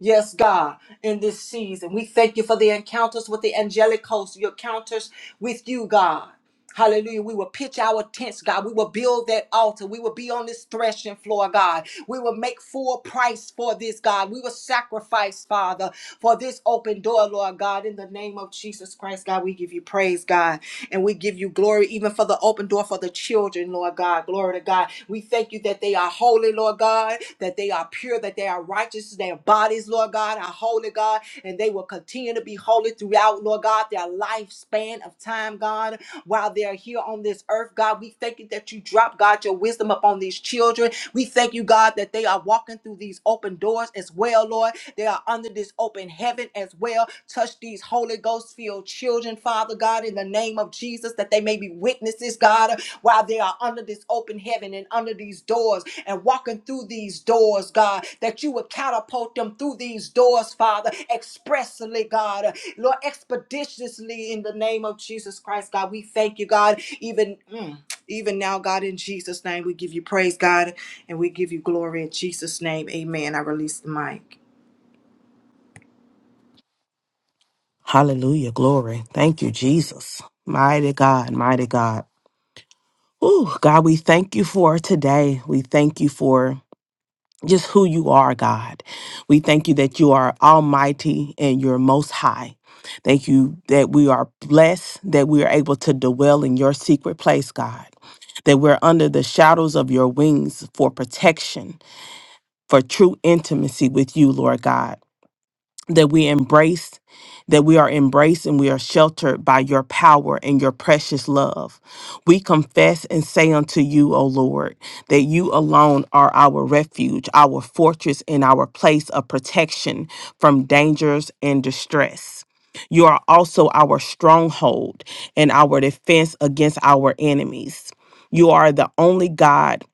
S4: Yes, God, in this season, we thank you for the encounters with the angelic host, your encounters with you, God. Hallelujah. We will pitch our tents, God. We will build that altar. We will be on this threshing floor, God. We will make full price for this, God. We will sacrifice, Father, for this open door, Lord God, in the name of Jesus Christ, God. We give you praise, God. And we give you glory even for the open door for the children, Lord God. Glory to God. We thank you that they are holy, Lord God, that they are pure, that they are righteous, their bodies, Lord God, are holy, God, and they will continue to be holy throughout, Lord God, their lifespan of time, God, while they're here on this earth, God. We thank you that you drop, God, your wisdom upon these children. We thank you, God, that they are walking through these open doors as well, Lord they are under this open heaven as well. Touch these Holy Ghost filled children, Father God, in the name of Jesus, that they may be witnesses, God, while they are under this open heaven and under these doors and walking through these doors, God, that you would catapult them through these doors, Father, expressly, God, Lord, expeditiously in the name of Jesus Christ, God. We thank you, God, even. mm, even now, God, in Jesus' name, we give you praise, God, and we give you glory in Jesus' name. Amen. I release the mic.
S5: Hallelujah. Glory. Thank you, Jesus. Mighty God, mighty God. Ooh, God, we thank you for today. We thank you for just who you are, God. We thank you that you are almighty and you're most high. Thank you that we are blessed, that we are able to dwell in your secret place, God, that we're under the shadows of your wings for protection, for true intimacy with you, Lord God. that we embrace, that we are embraced and we are sheltered by your power and your precious love. We confess and say unto you, O Lord, that you alone are our refuge, our fortress, and our place of protection from dangers and distress. You are also our stronghold and our defense against our enemies. You are the only God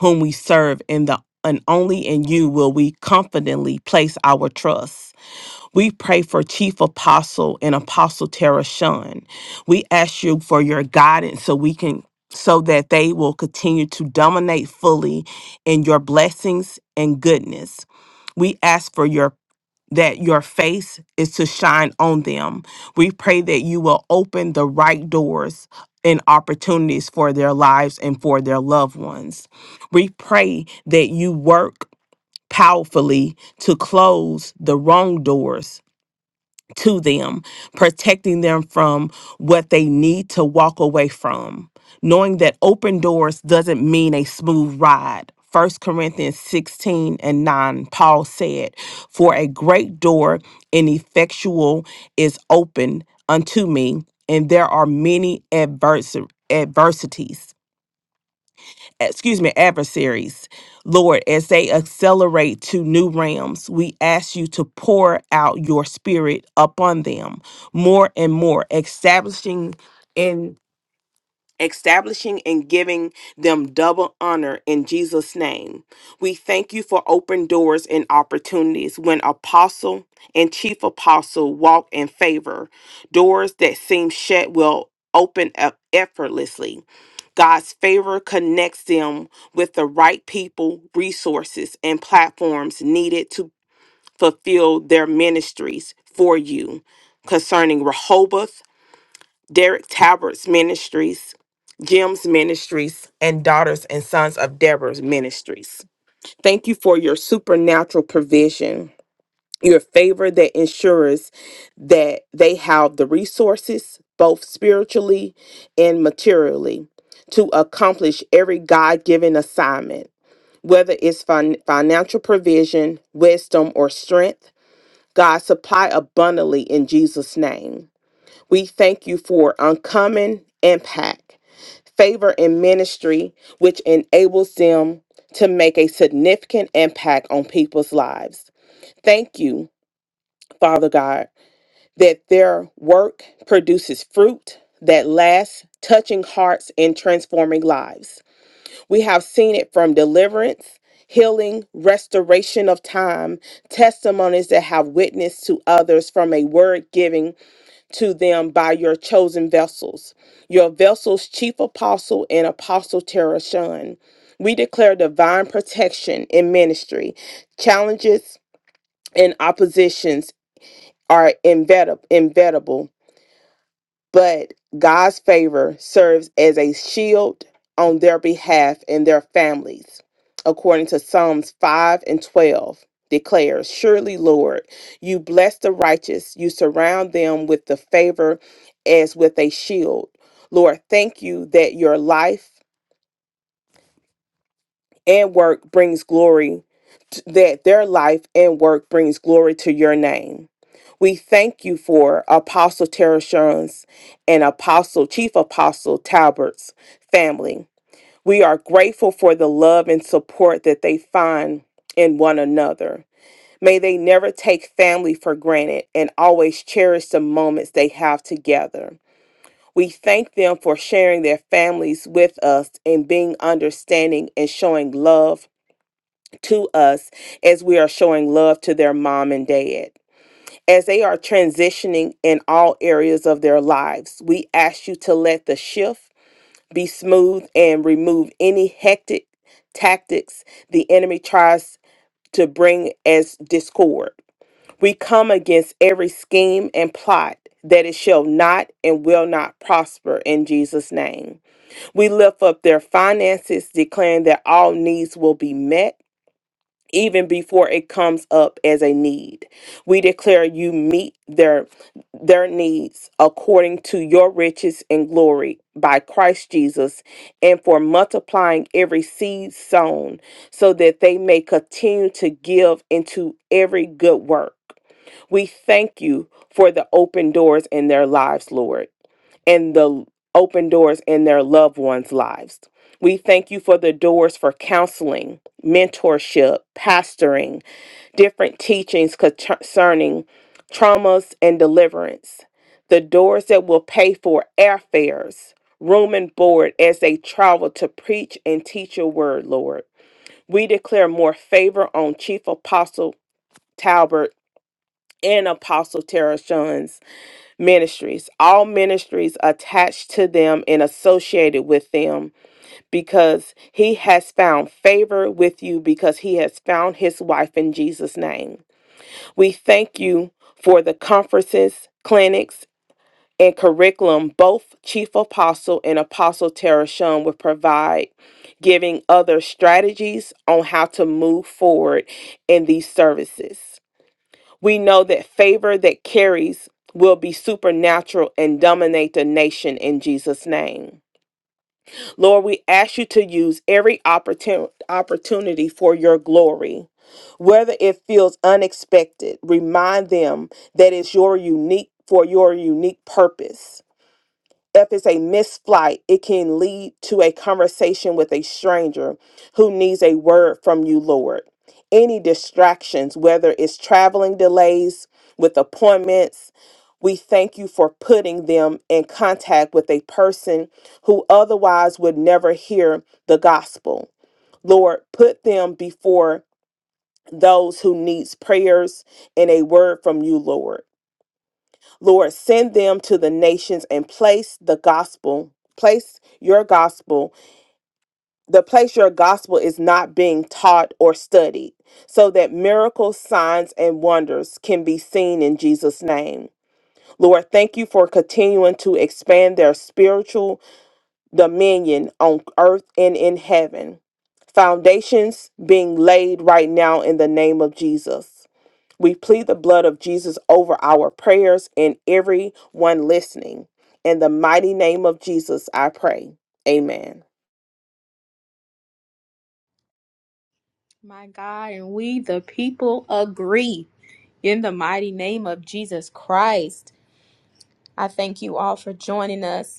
S5: whom we serve, and the and only in you will we confidently place our trust. We pray for Chief Apostle and Apostle Tara Shun. We ask you for your guidance so we can so that they will continue to dominate fully in your blessings and goodness. We ask for your that your face is to shine on them. We pray that you will open the right doors and opportunities for their lives and for their loved ones. We pray that you work powerfully to close the wrong doors to them, protecting them from what they need to walk away from. Knowing that open doors doesn't mean a smooth ride. First Corinthians 16 and 9, Paul said, For a great door ineffectual is open unto me, and there are many adversa- adversities excuse me, adversaries, Lord, as they accelerate to new realms, we ask you to pour out your spirit upon them more and more, establishing in establishing and giving them double honor in Jesus' name. We thank you for open doors and opportunities when apostle and chief apostle walk in favor. Doors that seem shut will open up effortlessly. God's favor connects them with the right people, resources, and platforms needed to fulfill their ministries for you. Concerning Rehoboth, Derek Talbert's Ministries, Jim's Ministries, and Daughters and Sons of Deborah's Ministries. Thank you for your supernatural provision, your favor that ensures that they have the resources, both spiritually and materially, to accomplish every God given assignment. Whether it's fin- financial provision, wisdom, or strength, God supply abundantly in Jesus' name. We thank you for uncommon impact, favor in ministry, which enables them to make a significant impact on people's lives. Thank you, Father God, that their work produces fruit that lasts, touching hearts and transforming lives. We have seen it from deliverance. Healing, restoration of time, testimonies that have witnessed to others from a word giving to them by your chosen vessels, your vessel's chief apostle and apostle Terashon. We declare divine protection in ministry. Challenges and oppositions are inevitable, but God's favor serves as a shield on their behalf and their families. According to Psalms 5 and 12, declares, Surely, Lord, you bless the righteous, you surround them with the favor as with a shield. Lord, thank you that your life and work brings glory that their life and work brings glory to your name. We thank you for Apostle Tara Shuns and Apostle Chief Apostle Talbert's family. We are grateful for the love and support that they find in one another. May they never take family for granted and always cherish the moments they have together. We thank them for sharing their families with us and being understanding and showing love to us as we are showing love to their mom and dad. As they are transitioning in all areas of their lives, we ask you to let the shift be smooth and remove any hectic tactics the enemy tries to bring as discord. We come against every scheme and plot that it shall not and will not prosper in Jesus' name. We lift up their finances, declaring that all needs will be met even before it comes up as a need. We declare you meet their their needs according to your riches and glory by Christ Jesus and for multiplying every seed sown so that they may continue to give into every good work. We thank you for the open doors in their lives, Lord and the open doors in their loved ones' lives. We thank you for the doors for counseling, mentorship, pastoring, different teachings concerning traumas and deliverance, the doors that will pay for airfares, room and board as they travel to preach and teach your word, Lord. We declare more favor on Chief Apostle Talbert and Apostle Tara ministries, all ministries attached to them and associated with them, because he has found favor with you, because he has found his wife in Jesus' name. We thank you for the conferences, clinics, and curriculum both Chief Apostle and Apostle Tara Shum will provide, giving other strategies on how to move forward in these services. We know that favor that carries will be supernatural and dominate the nation in Jesus' name. Lord, we ask you to use every opportun- opportunity for your glory. Whether it feels unexpected, remind them that it's your unique for your unique purpose if it's a missed flight, it can lead to a conversation with a stranger who needs a word from you, Lord. Any distractions, whether it's traveling delays with appointments, we thank you for putting them in contact with a person who otherwise would never hear the gospel. Lord, put them before those who needs prayers and a word from you, Lord. Lord, send them to the nations and place the gospel, place your gospel, the place your gospel is not being taught or studied, so that miracles, signs, and wonders can be seen in Jesus' name. Lord, thank you for continuing to expand their spiritual dominion on earth and in heaven. Foundations being laid right now in the name of Jesus. We plead the blood of Jesus over our prayers and everyone listening. In the mighty name of Jesus, I pray. Amen.
S1: My God, and we the people agree in the mighty name of Jesus Christ. I thank you all for joining us.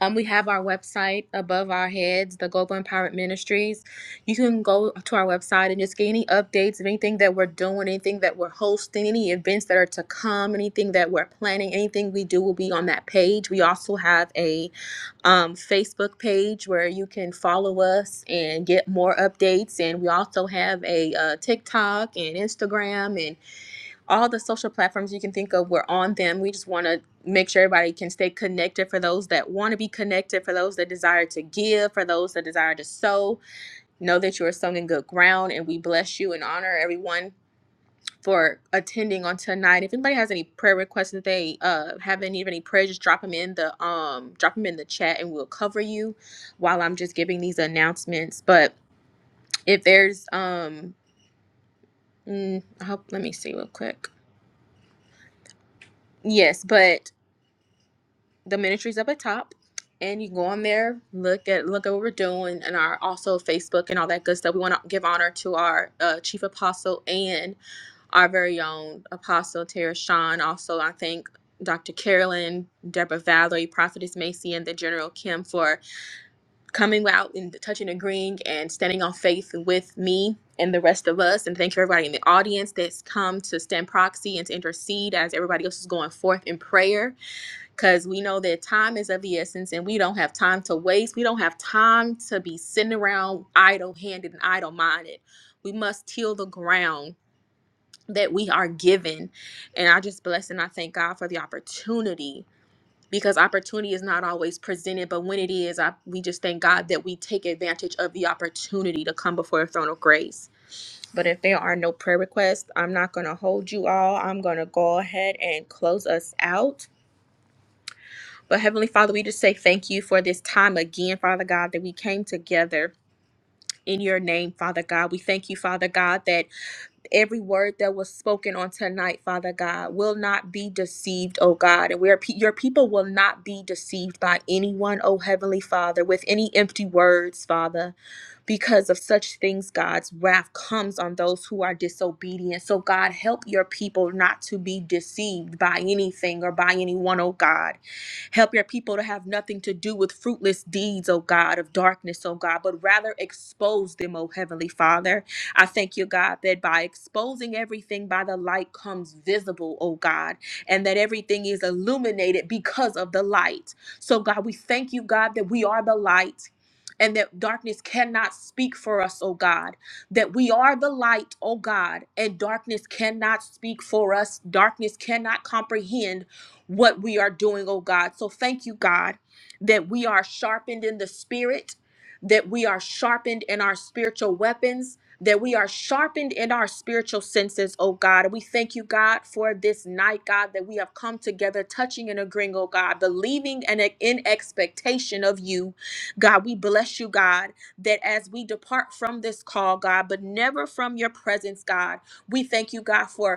S1: Um, we have our website above our heads, the Global Empowerment Ministries. You can go to our website and just get any updates of anything that we're doing, anything that we're hosting, any events that are to come, anything that we're planning, anything we do will be on that page. We also have a um, Facebook page where you can follow us and get more updates. And we also have a uh, TikTok and Instagram and all the social platforms you can think of we're on them we just want to make sure everybody can stay connected for those that want to be connected for those that desire to give for those that desire to sow know that you are sown in good ground and we bless you and honor everyone for attending on tonight if anybody has any prayer requests that they uh haven't even any prayer just drop them in the um drop them in the chat and we'll cover you while i'm just giving these announcements but if there's um mm, I hope, let me see real quick yes but the ministries up at top and you go on there look at look at what we're doing and our also facebook and all that good stuff we want to give honor to our uh, chief apostle and our very own apostle tara sean also i thank dr carolyn deborah valerie prophetess macy and the general kim for coming out and touching agreeing and standing on faith with me and the rest of us and thank you everybody in the audience that's come to stand proxy and to intercede as everybody else is going forth in prayer because we know that time is of the essence and we don't have time to waste. We don't have time to be sitting around idle handed and idle minded. We must till the ground that we are given. And I just bless and I thank God for the opportunity because opportunity is not always presented, but when it is, I, we just thank God that we take advantage of the opportunity to come before a throne of grace. But if there are no prayer requests, I'm not going to hold you all. I'm going to go ahead and close us out. But Heavenly Father, we just say thank you for this time again, Father God, that we came together in your name, Father God. We thank you, Father God, that every word that was spoken on tonight, Father God, will not be deceived, oh God. And where pe- your people will not be deceived by anyone, oh Heavenly Father, with any empty words, Father, because of such things, God's wrath comes on those who are disobedient. So, God, help your people not to be deceived by anything or by anyone, oh God. Help your people to have nothing to do with fruitless deeds, oh God, of darkness, oh God, but rather expose them, oh Heavenly Father. I thank you, God, that by exposing everything by the light comes visible, oh God, and that everything is illuminated because of the light. So, God, we thank you, God, that we are the light. And that darkness cannot speak for us, oh God. That we are the light, oh God, and darkness cannot speak for us. Darkness cannot comprehend what we are doing, oh God. So thank you, God, that we are sharpened in the spirit, that we are sharpened in our spiritual weapons, that we are sharpened in our spiritual senses, oh God. And we thank you, God, for this night, God, that we have come together, touching and agreeing, oh God, believing and e-, in expectation of you. God, we bless you, God, that as we depart from this call, God, but never from your presence, God, we thank you, God, for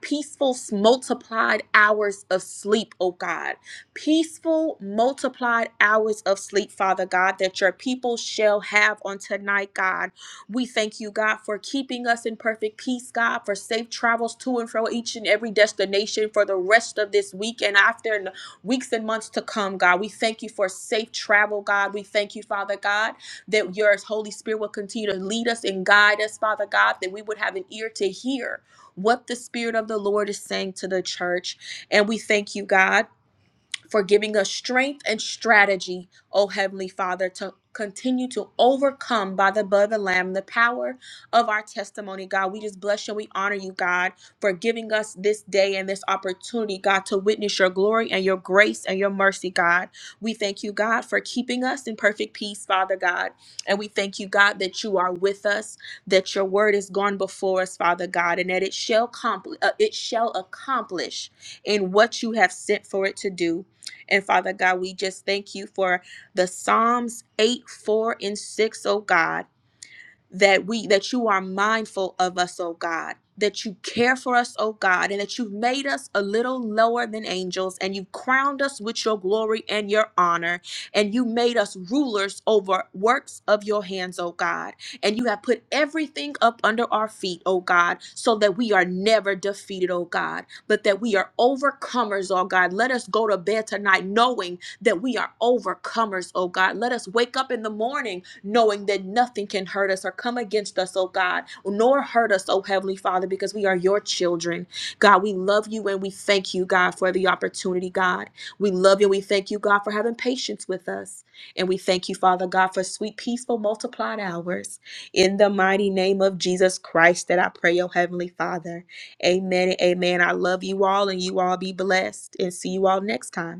S1: peaceful multiplied hours of sleep, oh God. Peaceful multiplied hours of sleep, Father God, that your people shall have on tonight, God. We thank you, God, for keeping us in perfect peace, God, for safe travels to and fro each and every destination for the rest of this week and after and weeks and months to come, God. We thank you for safe travel, God. We thank you, Father God, that your Holy Spirit will continue to lead us and guide us, Father God, that we would have an ear to hear what the Spirit of the Lord is saying to the church. And we thank you, God for giving us strength and strategy, O Heavenly Father, to continue to overcome by the blood of the Lamb the power of our testimony, God. We just bless you and we honor you, God, for giving us this day and this opportunity, God, to witness your glory and your grace and your mercy, God. We thank you, God, for keeping us in perfect peace, Father God. And we thank you, God, that you are with us, that your word is gone before us, Father God, and that it shall, compl- uh, it shall accomplish in what you have sent for it to do. And Father God, we just thank you for the Psalms 8, 4, and 6, oh God that we that you are mindful of us, oh God, that you care for us, oh God, and that you've made us a little lower than angels and you've crowned us with your glory and your honor and you made us rulers over works of your hands, oh God. And you have put everything up under our feet, oh God, so that we are never defeated, oh God, but that we are overcomers, oh God. Let us go to bed tonight knowing that we are overcomers, oh God. Let us wake up in the morning knowing that nothing can hurt us or come against us, oh God, nor hurt us, oh Heavenly Father, because we are your children. God, we love you and we thank you, God, for the opportunity, God. We love you and we thank you, God, for having patience with us. And we thank you, Father God, for sweet, peaceful, multiplied hours. In the mighty name of Jesus Christ that I pray, oh Heavenly Father. Amen and amen. I love you all and you all be blessed and see you all next time.